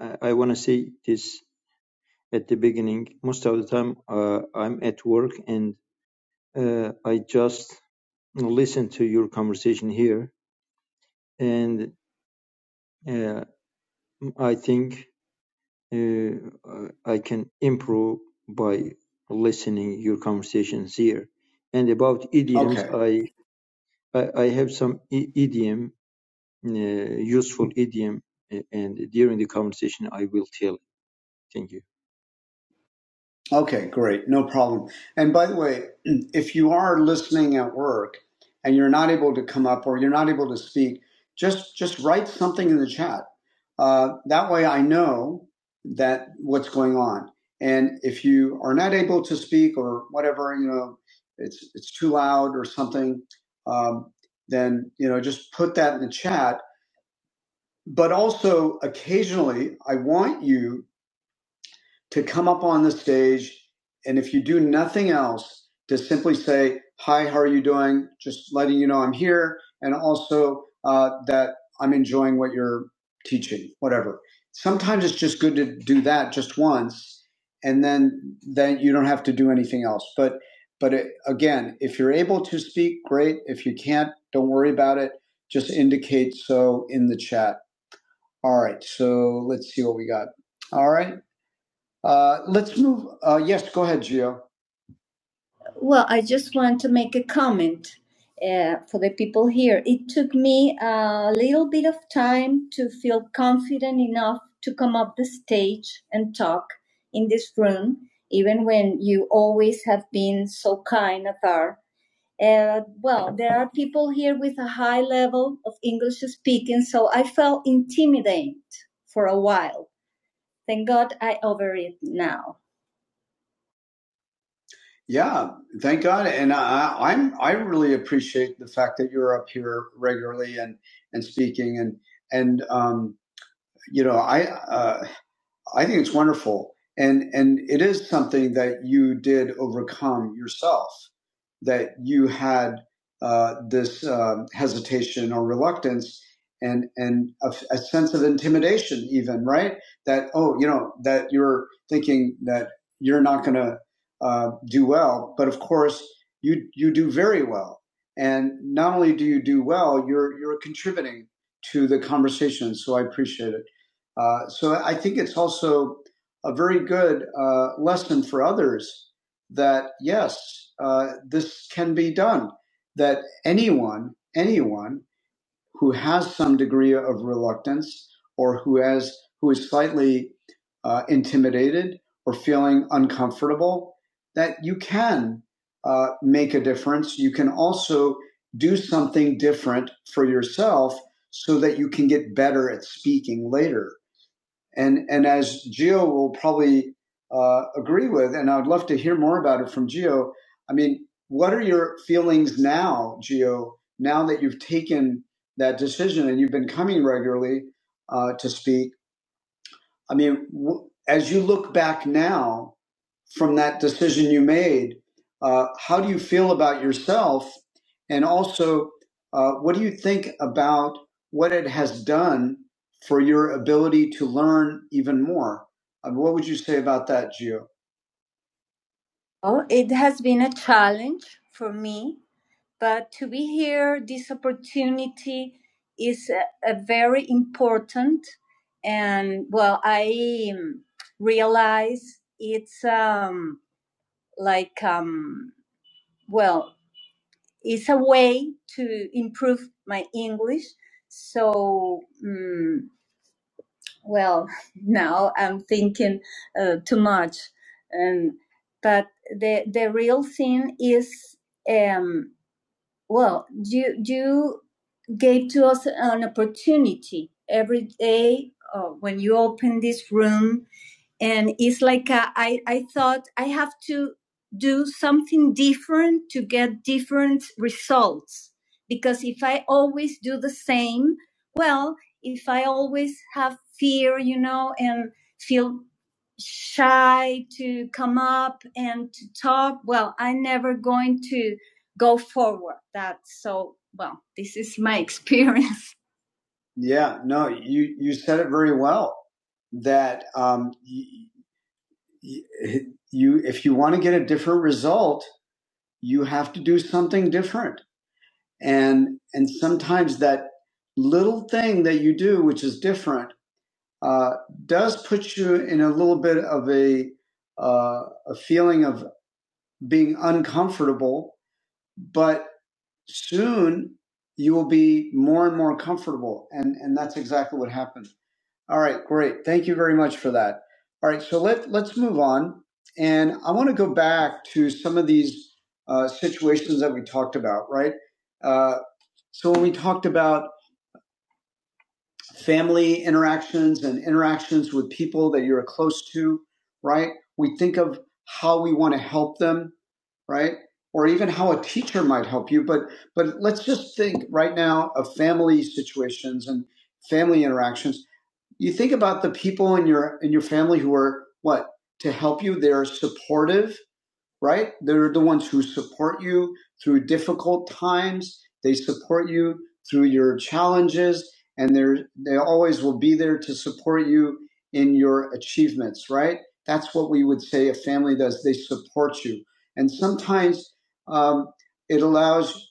[SPEAKER 6] I, I want to say this at the beginning, most of the time uh, I'm at work and uh, I just listen to your conversation here and uh, I think uh, I can improve by listening your conversations here. And about idioms,
[SPEAKER 1] Okay.
[SPEAKER 6] I I, I have some i- idiom uh, useful idiom uh, and during the conversation i will tell thank you
[SPEAKER 1] Okay, great. No problem. And by the way, if you are listening at work and you're not able to come up or you're not able to speak, just just write something in the chat. Uh, that way, I know that what's going on. And if you are not able to speak or whatever, you know, it's it's too loud or something, um, then you know, just put that in the chat. But also, occasionally, I want you to come up on the stage. And if you do nothing else, to simply say, Hi, how are you doing? Just letting you know I'm here. And also uh, that I'm enjoying what you're teaching, whatever. Sometimes it's just good to do that just once. And then, then you don't have to do anything else. But, but it, again, if you're able to speak, great. If you can't, don't worry about it. Just indicate so in the chat. All right. So let's see what we got. All right. Uh, let's move. Uh, yes, go ahead, Gio. Well, I just want to make a comment uh, for the people here. It took me a little bit of time to feel confident enough to come up the stage and talk in this room, even when you always have been so kind, Athar. Uh, well, there are people here with a high level of English speaking, so I felt intimidated for a while. Thank God I over it now. Yeah, thank God, and I, I'm I really appreciate the fact that you're up here regularly and and speaking and and um, you know I uh, I think it's wonderful, and and it is something that you did overcome yourself. That you had uh, this um, hesitation or reluctance, and and a, a sense of intimidation, even right? That oh, you know, that you're thinking that you're not going to uh, do well, but of course you you do very well, and not only do you do well, you're you're contributing to the conversation. So I appreciate it. Uh, so I think it's also a very good uh, lesson for others that yes, uh, this can be done. That anyone, anyone who has some degree of reluctance or who has who is slightly uh, intimidated or feeling uncomfortable, that you can uh, make a difference. You can also do something different for yourself so that you can get better at speaking later and and as Geo will probably uh, agree with, and I'd love to hear more about it from Geo. I mean, what are your feelings now, Geo? Now that you've taken that decision and you've been coming regularly uh, to speak, I mean, w- as you look back now from that decision you made, uh, how do you feel about yourself? And also, uh, what do you think about what it has done for your ability to learn even more? Uh, what would you say about that, Gio? Well, it has been a challenge for me but to be here, this opportunity is a, a very important. And well, I um, realize it's um, like, um, well, it's a way to improve my English. So, um, well, now I'm thinking uh, too much. Um, but the, the real thing is um, Well, you you gave to us an opportunity every day uh, when you open this room and it's like uh, I I thought I have to do something different to get different results because if I always do the same, well, if I always have fear, you know, and feel shy to come up and to talk, well, I'm never going to go forward. That's so well, this is my experience. Yeah, no, you you said it very well. That um, y- you if you want to get a different result you have to do something different and and sometimes that little thing that you do which is different uh, does put you in a little bit of a uh, a feeling of being uncomfortable but soon you will be more and more comfortable and and that's exactly what happened All right, great. Thank you very much for that. All right, so let let's move on, and I want to go back to some of these uh, situations that we talked about, right? Uh, so when we talked about family interactions and interactions with people that you're close to, right? We think of how we want to help them, right? Or even how a teacher might help you, but but let's just think right now of family situations and family interactions you think about the people in your in your family who are what to help you they're supportive right? They're the ones who support you through difficult times. They support you through your challenges, and they're they always will be there to support you in your achievements, right? That's what we would say a family does. They support you, and sometimes um, it allows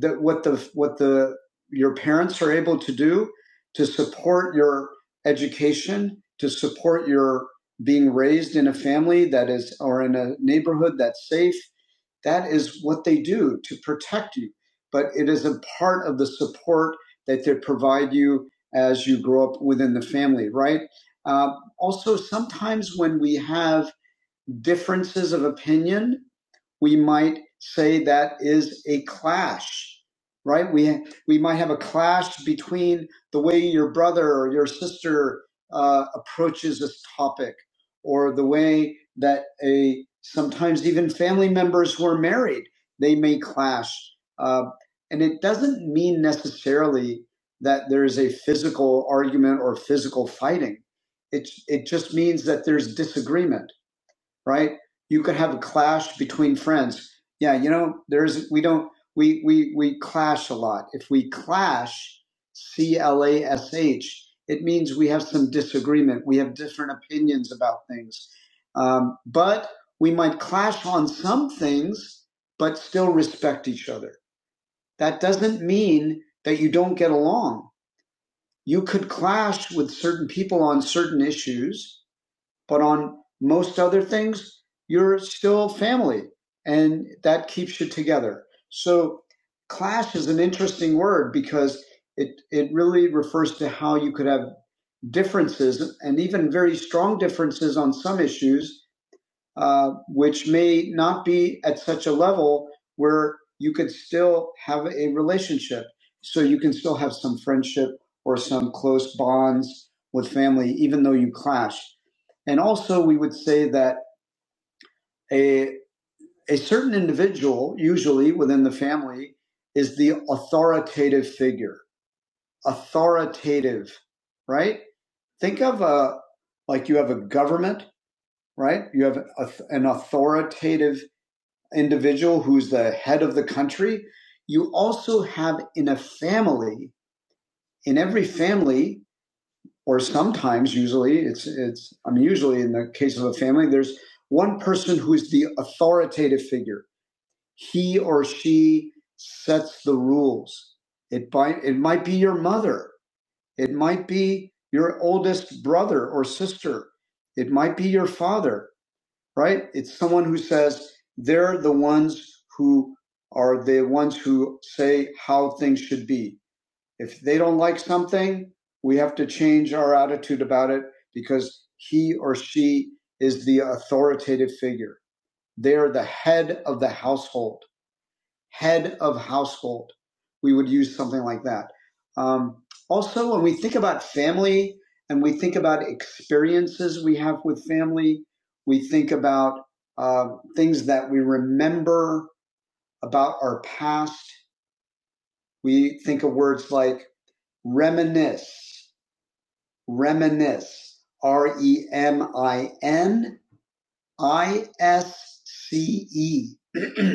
[SPEAKER 1] that what the what the your parents are able to do to support your education, to support your being raised in a family that is, or in a neighborhood that's safe, that is what they do to protect you. But it is a part of the support that they provide you as you grow up within the family, right? Uh, also, sometimes when we have differences of opinion, we might say that is a clash, right? We we might have a clash between the way your brother or your sister uh, approaches this topic, or the way that a sometimes even family members who are married they may clash, uh, and it doesn't mean necessarily that there's a physical argument or physical fighting. It it just means that there's disagreement right? You could have a clash between friends. Yeah, you know, there's we don't we we we clash a lot. If we clash, C L A S H, it means we have some disagreement. We have different opinions about things, um, but we might clash on some things, but still respect each other. That doesn't mean that you don't get along. You could clash with certain people on certain issues, but on most other things, you're still family and that keeps you together. So clash is an interesting word because it, it really refers to how you could have differences and even very strong differences on some issues uh, which may not be at such a level where you could still have a relationship. So you can still have some friendship or some close bonds with family, even though you clash. And also, we would say that a, a certain individual, usually within the family, is the authoritative figure. Authoritative, right? Think of a, like you have a government, right? You have a, an authoritative individual who's the head of the country, you also have in a family, in every family, or sometimes usually it's it's I mean usually in the case of a family, there's one person who is the authoritative figure. He or she sets the rules. It by it might be your mother. It might be your oldest brother or sister. It might be your father right? It's someone who says they're the ones who are the ones who say how things should be. If they don't like something, we have to change our attitude about it because he or she is the authoritative figure. They are the head of the household head of household. We would use something like that. Um, also, when we think about family and we think about experiences we have with family, we think about uh, things that we remember about our past. We think of words like reminisce, reminisce, R E M I N I S C E.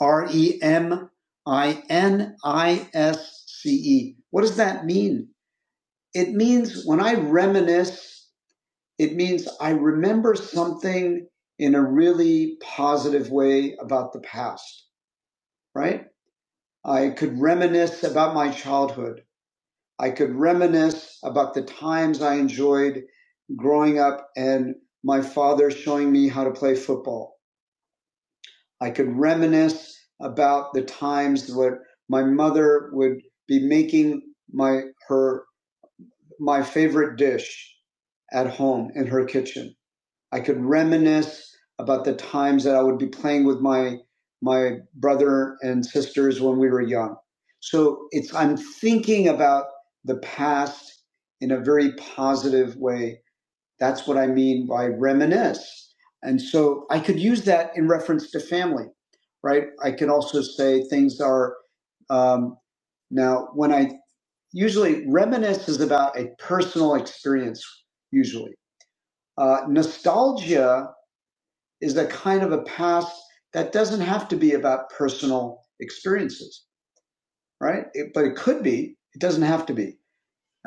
[SPEAKER 1] R E M I N I S C E. What does that mean? It means when I reminisce, it means I remember something in a really positive way about the past, right? I could reminisce about my childhood. I could reminisce about the times I enjoyed growing up and my father showing me how to play football. I could reminisce about the times when my mother would be making my her my favorite dish at home in her kitchen. I could reminisce about the times that I would be playing with my my brother and sisters when we were young. So it's I'm thinking about the past in a very positive way that's what I mean by reminisce. And so I could use that in reference to family, right? I could also say things are um, now when I usually reminisce is about a personal experience, usually. Uh, nostalgia is a kind of a past that doesn't have to be about personal experiences, right? It, but it could be, it doesn't have to be.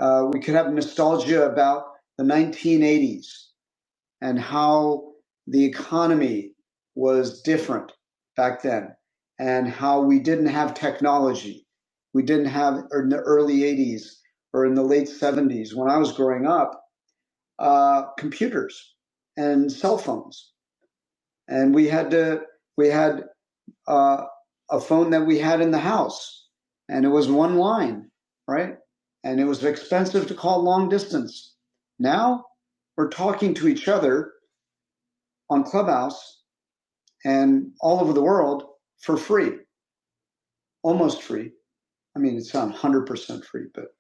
[SPEAKER 1] Uh, we could have nostalgia about the 1980s and how the economy was different back then and how we didn't have technology. We didn't have, or in the early 80s or in the late 70s, when I was growing up, uh, computers and cell phones. And we had to, we had uh, a phone that we had in the house and it was one line, right? And it was expensive to call long distance. Now we're talking to each other on Clubhouse and all over the world for free, almost free. I mean, it's not 100% free, but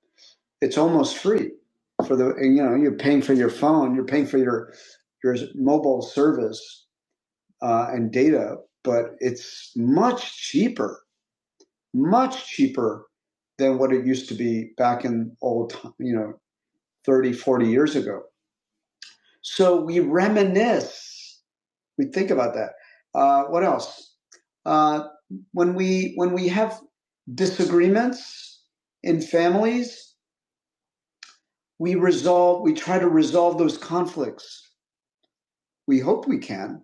[SPEAKER 1] it's almost free for the, and, you know, you're paying for your phone, you're paying for your, your mobile service uh, and data, but it's much cheaper, much cheaper than what it used to be back in old, you know, 30, 40 years ago. So we reminisce we think about that. Uh, what else? Uh, when we when we have disagreements in families, we resolve. We try to resolve those conflicts. We hope we can,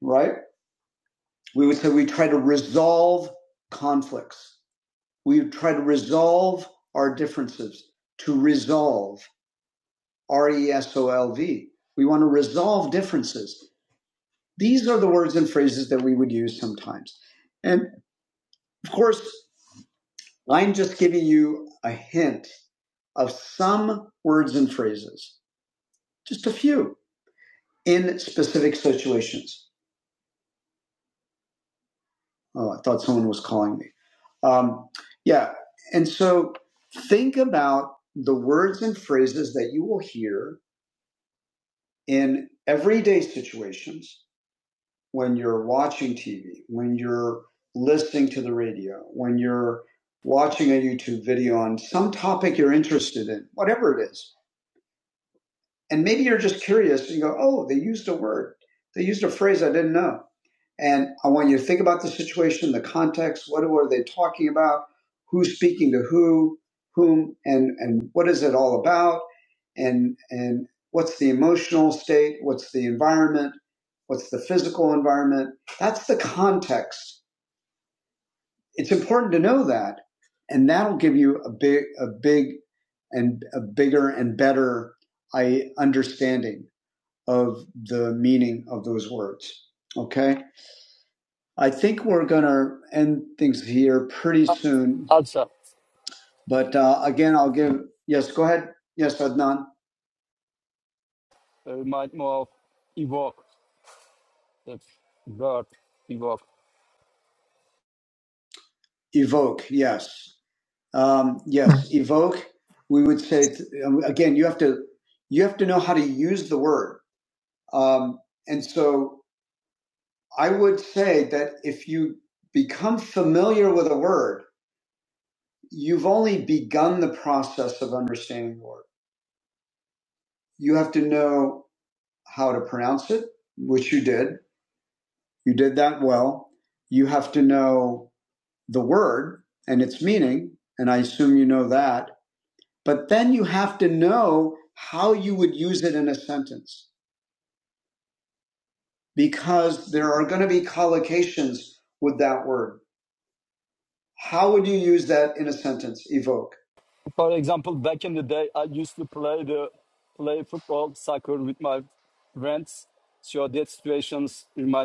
[SPEAKER 1] right? We would say we try to resolve conflicts. We try to resolve our differences. To resolve, R E S O L V. We want to resolve differences. These are the words and phrases that we would use sometimes. And of course, I'm just giving you a hint of some words and phrases, just a few in specific situations. Oh, I thought someone was calling me. Um, yeah. And so think about the words and phrases that you will hear in everyday situations when you're watching TV, when you're listening to the radio, when you're watching a YouTube video on some topic you're interested in, whatever it is and maybe you're just curious you go, oh, they used a word, they used a phrase I didn't know. And I want you to think about the situation, the context, what were they talking about, who's speaking to who, whom, and, and what is it all about, and, and what's the emotional state, what's the environment, what's the physical environment. That's the context. It's important to know that, and that'll give you a big, a big and a bigger and better I, understanding of the meaning of those words. Okay. I think we're going to end things here pretty soon. But uh, again, I'll give, yes, go ahead. Yes, Adnan.
[SPEAKER 4] Of art.
[SPEAKER 1] Evoke. Yes. Um, yes. Evoke. We would say, um, again, you have to, you have to know how to use the word. Um, and so I would say that if you become familiar with a word, you've only begun the process of understanding the word. You have to know how to pronounce it, which you did. You did that well. You have to know the word and its meaning, and I assume you know that. But then you have to know how you would use it in a sentence because there are going to be collocations with that word. How would you use that in a sentence? Evoke.
[SPEAKER 4] Back in the day, I played uh, play football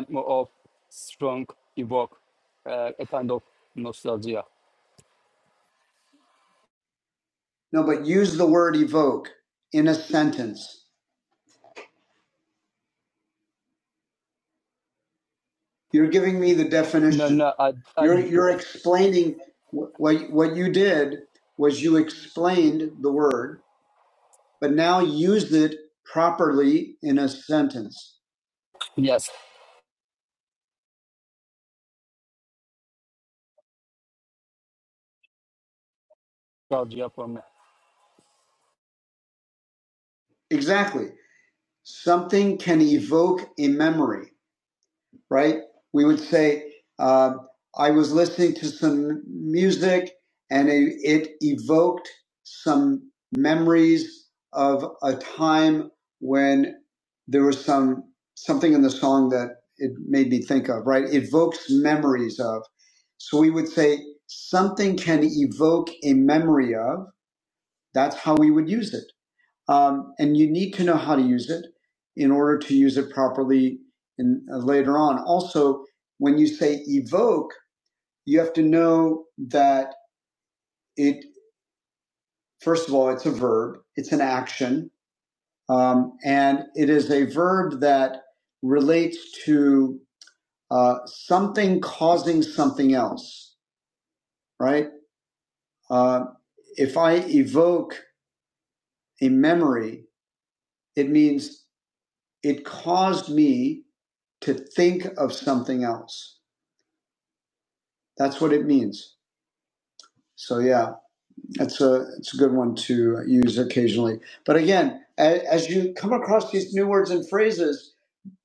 [SPEAKER 4] more of strong evoke uh, a kind of nostalgia.
[SPEAKER 1] No, but use the word evoke in a sentence. You're giving me the definition. You're you're explaining what what you did was you explained the word, but now used it properly in a sentence.
[SPEAKER 4] Yes, nostalgia for me.
[SPEAKER 1] Exactly. Something can evoke a memory. right? We would say, um, I was listening to some music and it, it evoked some memories of a time when there was some something in the song that it made me think of, right? It Evokes memories of. So we would say something can evoke a memory of. That's how we would use it. Um, and you need to know how to use it in order to use it properly in, uh, later on. Also, when you say evoke, you have to know that it, first of all, it's a verb, it's an action, um, and it is a verb that relates to uh, something causing something else, right? Uh, if I evoke a memory, it means it caused me to think of something else. That's what it means. So yeah, it's a it's a good one to use occasionally. But again, a- as you come across these new words and phrases,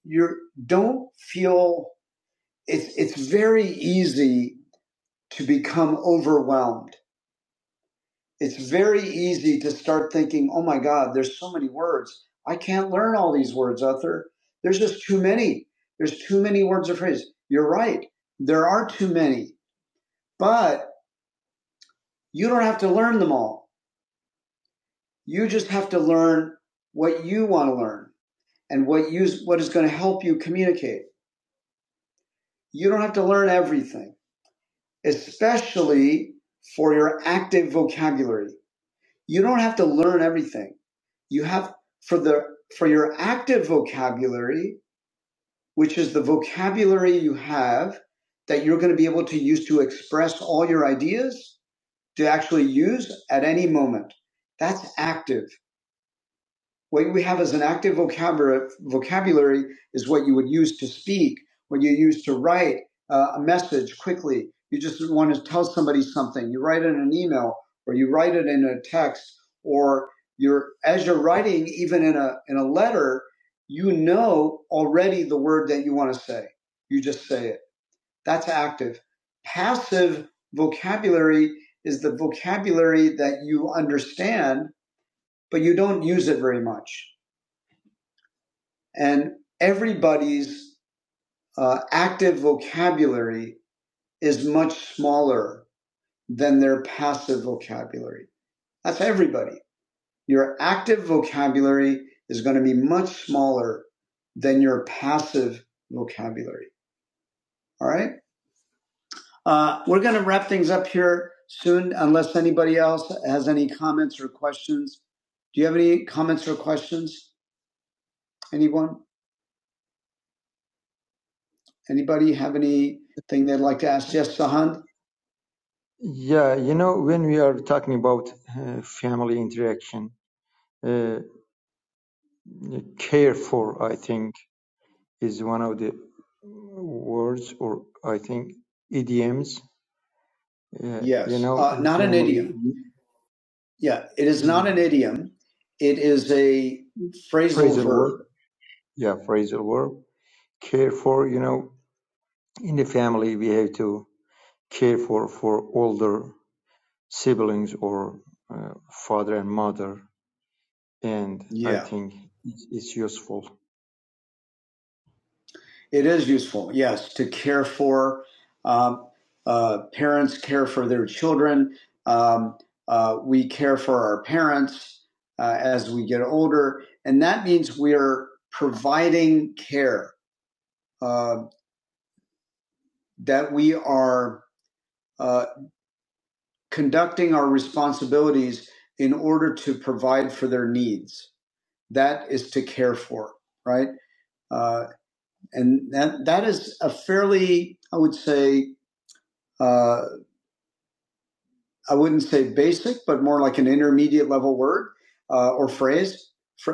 [SPEAKER 1] you don't feel it's it's very easy to become overwhelmed. It's very easy to start thinking, "Oh my god, there's so many words. I can't learn all these words, Arthur. There's just too many. There's too many words or phrases." You're right. There are too many. But You don't have to learn them all. You just have to learn what you want to learn and what you, what is going to help you communicate. You don't have to learn everything, especially for your active vocabulary. You don't have to learn everything. You have for the for your active vocabulary, which is the vocabulary you have that you're going to be able to use to express all your ideas to actually use at any moment. That's active. What we have as an active vocabulary, vocabulary is what you would use to speak, what you use to write uh, a message quickly. You just want to tell somebody something. You write it in an email or you write it in a text or you're, as you're writing, even in a, in a letter, you know already the word that you want to say. You just say it. That's active. Passive vocabulary is the vocabulary that you understand, but you don't use it very much and everybody's uh, active vocabulary is much smaller than their passive vocabulary. That's everybody. Your active vocabulary is going to be much smaller than your passive vocabulary. All right. Uh, we're going to wrap things up here soon, unless anybody else has any comments or questions. Do you have any comments or questions? Anyone? Anybody have anything they'd like to ask? Yes, Sahand.
[SPEAKER 6] yeah you know when we are talking about uh, family interaction uh, care for i think is one of the words or i think idioms uh, you
[SPEAKER 1] Yes,
[SPEAKER 6] know
[SPEAKER 1] uh,
[SPEAKER 6] in
[SPEAKER 1] not an
[SPEAKER 6] family
[SPEAKER 1] idiom. Yeah, it is not an idiom. It is a phrasal
[SPEAKER 6] phrasal verb
[SPEAKER 1] verb.
[SPEAKER 6] yeah phrasal verb care for you know in the family we have to care for for older siblings or uh, father and mother, and I
[SPEAKER 1] Yeah,
[SPEAKER 6] think it's, it's useful.
[SPEAKER 1] it is useful. Yes, to care for. Um, uh, parents care for their children. Um, uh, we care for our parents uh, as we get older, and that means we are providing care. Uh, that we are uh, conducting our responsibilities in order to provide for their needs that is to care for, right? Uh, and that, that is a fairly, I would say, uh, I wouldn't say basic, but more like an intermediate level word uh, or phrase,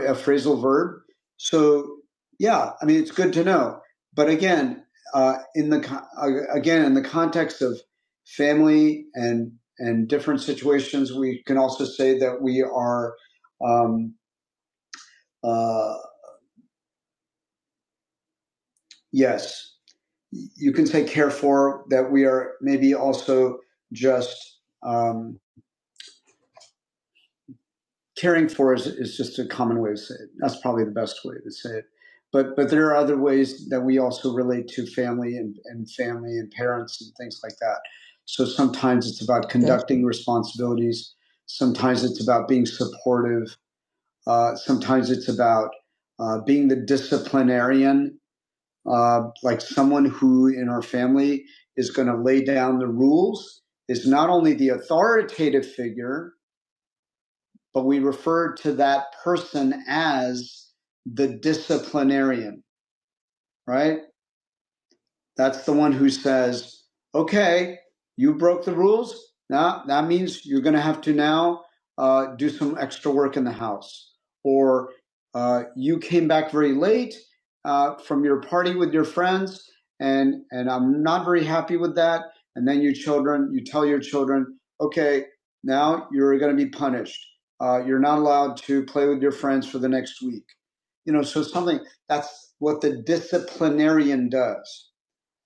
[SPEAKER 1] a phrasal verb. So, yeah, I mean, it's good to know. But again, uh, in the uh, again in the context of family and and different situations, we can also say that we are, um, uh, yes, you can say care for that we are maybe also just um, caring for is, is just a common way to say it. That's probably the best way to say it. But but there are other ways that we also relate to family and, and family and parents and things like that. So sometimes it's about
[SPEAKER 6] And
[SPEAKER 1] conducting responsibilities. Sometimes it's about being supportive. Uh, sometimes it's about uh, being the disciplinarian uh, like someone who in our family is going to lay down the rules is not only the authoritative figure, but we refer to that person as the disciplinarian, right? That's the one who says, okay, you broke the rules. Now that means you're going to have to now uh, do some extra work in the house. Or uh, you came back very late uh, from your party with your friends, and and I'm not very happy with that. And then your children, you tell your children, okay, now you're going to be punished. Uh, you're not allowed to play with your friends for the next week. You know, so something that's what the disciplinarian does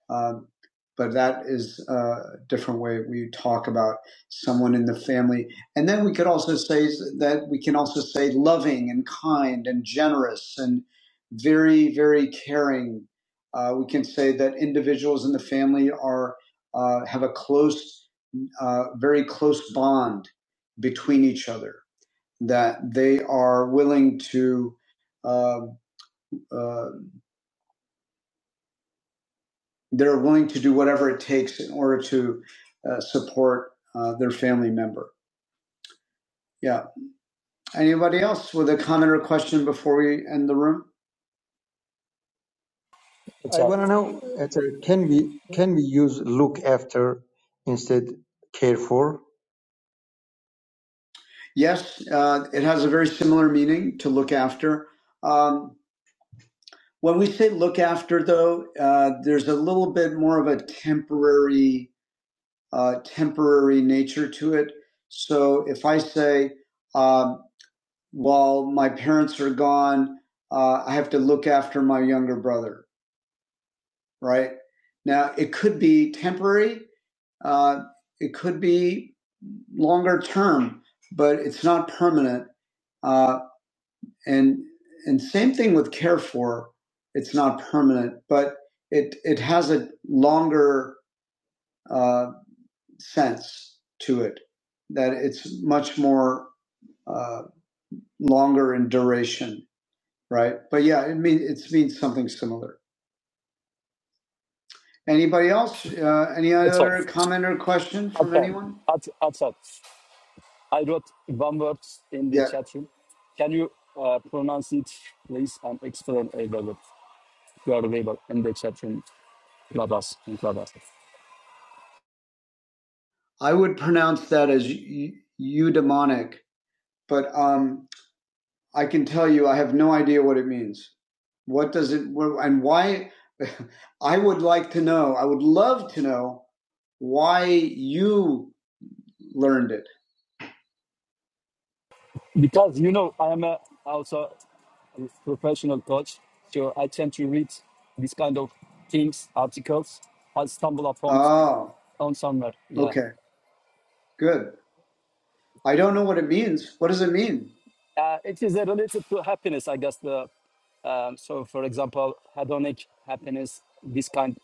[SPEAKER 1] um, but that is uh, a different way we talk about someone in the family. And then we could also say that we can also say loving and kind and generous and very, very caring. Uh, we can say that individuals in the family are uh, have a close, uh, very close bond between each other. That they are willing to uh, uh, They're willing to do whatever it takes in order to uh, support uh, their family member. Yeah. Anybody else with a comment or question before we end the room?
[SPEAKER 4] It's
[SPEAKER 6] I
[SPEAKER 4] up.
[SPEAKER 6] want to know, can we can we use look after instead care for?
[SPEAKER 1] Yes, uh, it has a very similar meaning to look after. Um, when we say look after, though, uh, there's a little bit more of a temporary, uh, temporary nature to it. So if I say, um, while my parents are gone, uh, I have to look after my younger brother right? Now, it could be temporary, uh, it could be longer term, but it's not permanent. Uh, and and same thing with care for, it's not permanent, but it it has a longer uh, sense to it that it's much more uh, longer in duration, right? But yeah, it mean it means something similar. Anybody else? Uh, any
[SPEAKER 4] It's up.
[SPEAKER 1] other comment or question
[SPEAKER 4] It's
[SPEAKER 1] from
[SPEAKER 4] up.
[SPEAKER 1] anyone?
[SPEAKER 4] It's it's up. I wrote one word in the
[SPEAKER 1] Yeah.
[SPEAKER 4] chat room. Can you uh, pronounce it, please, and explain a little bit? You are available in the chat room, Clubhouse, in Clubhouse.
[SPEAKER 1] I would pronounce that as eu- eudaimonic, but um, I can tell you I have no idea what it means. What does it and why? I would like to know. I would love to know why you learned it.
[SPEAKER 4] because you know I am a, also professional coach, so I tend to read these kind of things, articles. I stumble upon
[SPEAKER 1] Oh,
[SPEAKER 4] on somewhere. Yeah,
[SPEAKER 1] okay, good. I don't know what it means. What does it mean?
[SPEAKER 4] uh, it is uh, related to happiness, I guess. The um, so, for example, hedonic happiness, this kind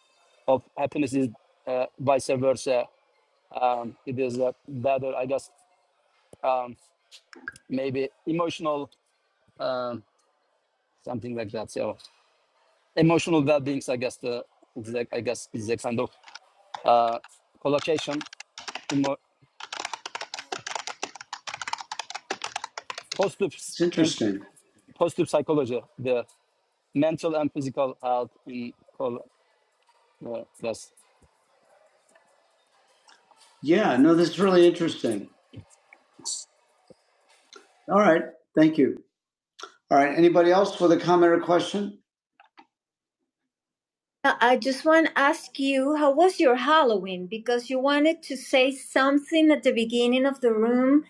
[SPEAKER 4] of happiness is uh, vice versa. Um, it is uh, better, I guess, um, maybe emotional, um, something like that. So, emotional well-being, I guess, the is like- I guess is a kind of uh, collocation in mo- positive
[SPEAKER 1] It's
[SPEAKER 4] in
[SPEAKER 1] interesting.
[SPEAKER 4] positive psychology, the mental and physical health in col- uh, yes,
[SPEAKER 1] Yeah, no, this is really interesting. All right, thank you. All right, anybody else with a comment or question? Uh, I just want to ask you, how was your Halloween? Because you wanted to say something at the beginning of the room,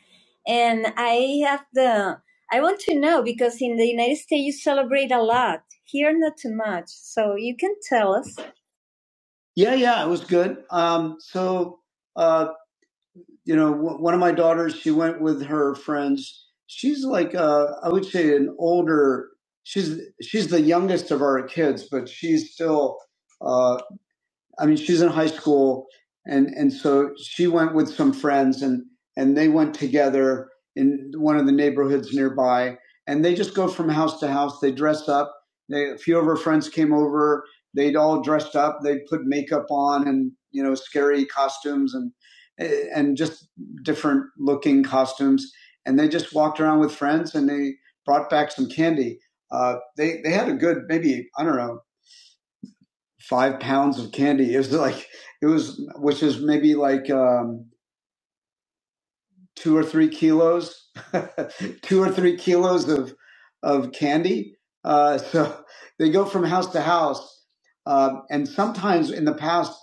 [SPEAKER 1] and I have the, I want to know because in the United States you celebrate a lot. Here, not too much. So you can tell us. Yeah, yeah, it was good. Um, so, uh, you know, w- one of my daughters, she went with her friends. She's like, uh, I would say, an older. She's she's the youngest of our kids, but she's still. I mean, she's in high school, and and so she went with some friends, and and they went together in one of the neighborhoods nearby, and they just go from house to house. They dress up. They, a few of her friends came over. They'd all dressed up. They would put makeup on and you know scary costumes and and just different looking costumes. And they just walked around with friends, and they brought back some candy. Uh, they they had a good maybe I don't know five pounds of candy. It was like it was, which is maybe like um, two or three kilos, two or three kilos of of candy. Uh, so they go from house to house, uh, and sometimes in the past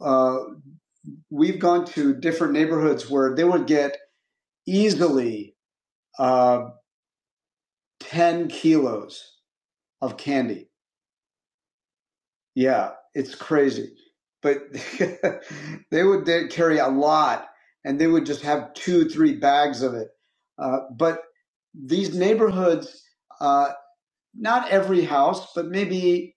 [SPEAKER 1] uh, we've gone to different neighborhoods where they would get easily uh, ten kilos of candy Yeah, it's crazy. But they would they carry a lot and they would just have two, three bags of it. Uh, but these neighborhoods, uh, not every house, but maybe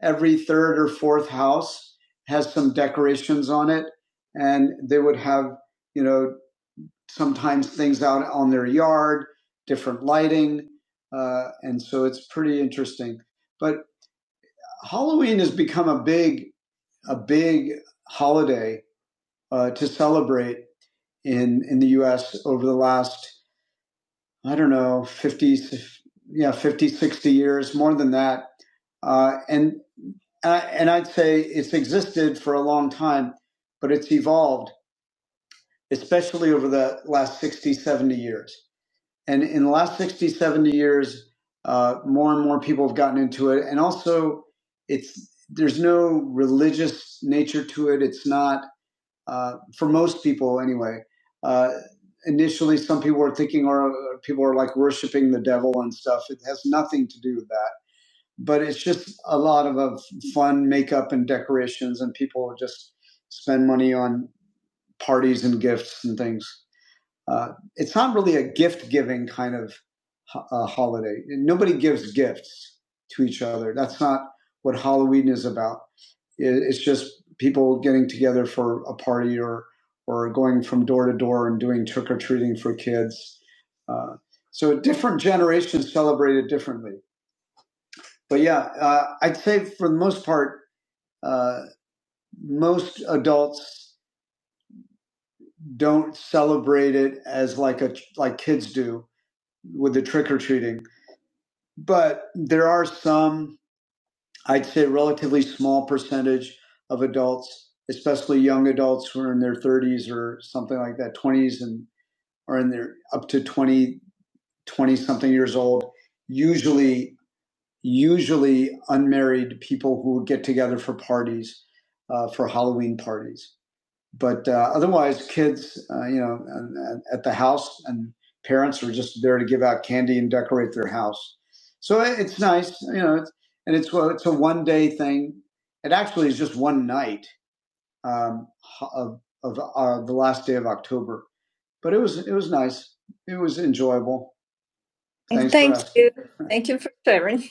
[SPEAKER 1] every third or fourth house has some decorations on it. And they would have, you know, sometimes things out on their yard, different lighting. Uh, and so it's pretty interesting. But Halloween has become a big a big holiday uh, to celebrate in, in the US over the last, I don't know, 50, yeah, 50 60 years, more than that. Uh, and, uh, and I'd say it's existed for a long time, but it's evolved, especially over the last 60 70 years. And in the last 60 70 years, uh, more and more people have gotten into it. And also, it's, there's no religious nature to it. It's not uh, for most people anyway. Uh, initially, some people were thinking, or people are like worshiping the devil and stuff. It has nothing to do with that, but it's just a lot of, of fun makeup and decorations, and people just spend money on parties and gifts and things. Uh, it's not really a gift giving kind of ho- uh, holiday. Nobody gives gifts to each other. That's not what Halloween is about it's just people getting together for a party or or going from door to door and doing trick or treating for kids. Uh, so different generations celebrate it differently. But yeah, uh, I'd say for the most part, uh, most adults don't celebrate it as like a like kids do with the trick or treating. But there are some. I'd say a relatively small percentage of adults, especially young adults who are in their 30s or something like that, 20s, and are in their up to 20, 20 something years old, usually, usually unmarried people who get together for parties, uh, for Halloween parties but uh, otherwise, kids, uh, you know, at the house, and parents are just there to give out candy and decorate their house. So it- it's nice, you know, it's, and it's well, it's a one day thing. It actually is just one night um, ho- of of uh, the last day of October, but it was it was nice. It was enjoyable. Thanks for Thank asking. you. Thank you for sharing.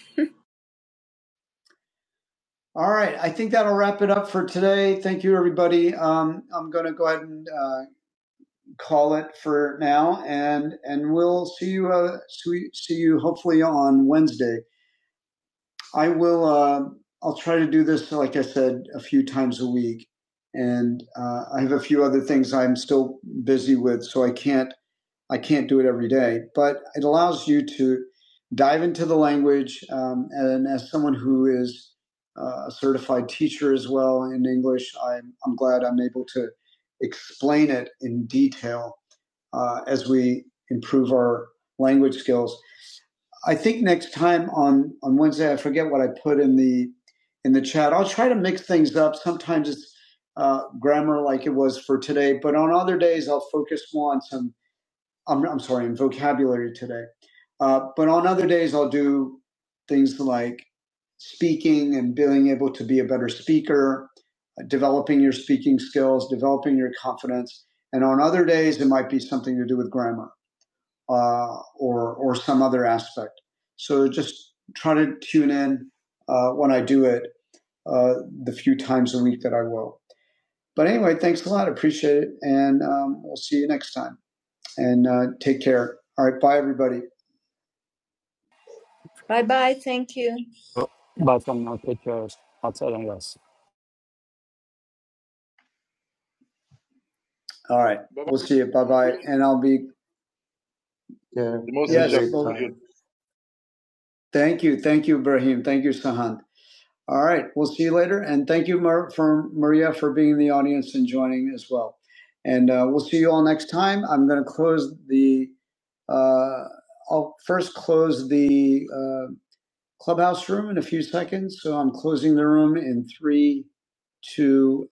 [SPEAKER 1] All right, I think that'll wrap it up for today. Thank you, everybody. Um, I'm going to go ahead and. Uh, call it for now, and and we'll see you uh, see you hopefully on Wednesday. I will. Uh, I'll try to do this, like I said, a few times a week, and uh, I have a few other things I'm still busy with, so I can't I can't do it every day. But it allows you to dive into the language, um, and as someone who is uh, a certified teacher as well in English, I'm I'm glad I'm able to explain it in detail uh, as we improve our language skills. I think next time on on Wednesday, I forget what I put in the in the chat. I'll try to mix things up. Sometimes it's uh, grammar like it was for today, but on other days I'll focus more on some. I'm, I'm sorry, on vocabulary today. Uh, but on other days I'll do things like speaking and being able to be a better speaker, uh, developing your speaking skills, developing your confidence. And on other days it might be something to do with grammar uh, or or some other aspect. So just try to tune in uh, when I do it uh, the few times a week that I will. But anyway, thanks a lot. Appreciate it, and um, we'll see you next time. And uh, take care. All right, bye everybody. Bye bye. Thank you.
[SPEAKER 4] biofilm pictures, outside and yes.
[SPEAKER 1] All right,
[SPEAKER 2] Bye-bye,
[SPEAKER 1] we'll see you. Bye
[SPEAKER 2] my
[SPEAKER 1] bye.
[SPEAKER 2] friend.
[SPEAKER 1] And I'll be
[SPEAKER 6] Yeah,
[SPEAKER 2] The
[SPEAKER 6] have
[SPEAKER 2] most
[SPEAKER 6] a
[SPEAKER 2] is just
[SPEAKER 1] yes.
[SPEAKER 6] great
[SPEAKER 1] Well,
[SPEAKER 2] put
[SPEAKER 6] time.
[SPEAKER 1] thank you, thank you, Ibrahim. Thank you, Sahand. All right. We'll see you later. And thank you, Mar- for Maria, for being in the audience and joining as well. And uh, we'll see you all next time. I'm going to close the, uh, I'll first close the uh, clubhouse room in a few seconds. So I'm closing the room in three, two,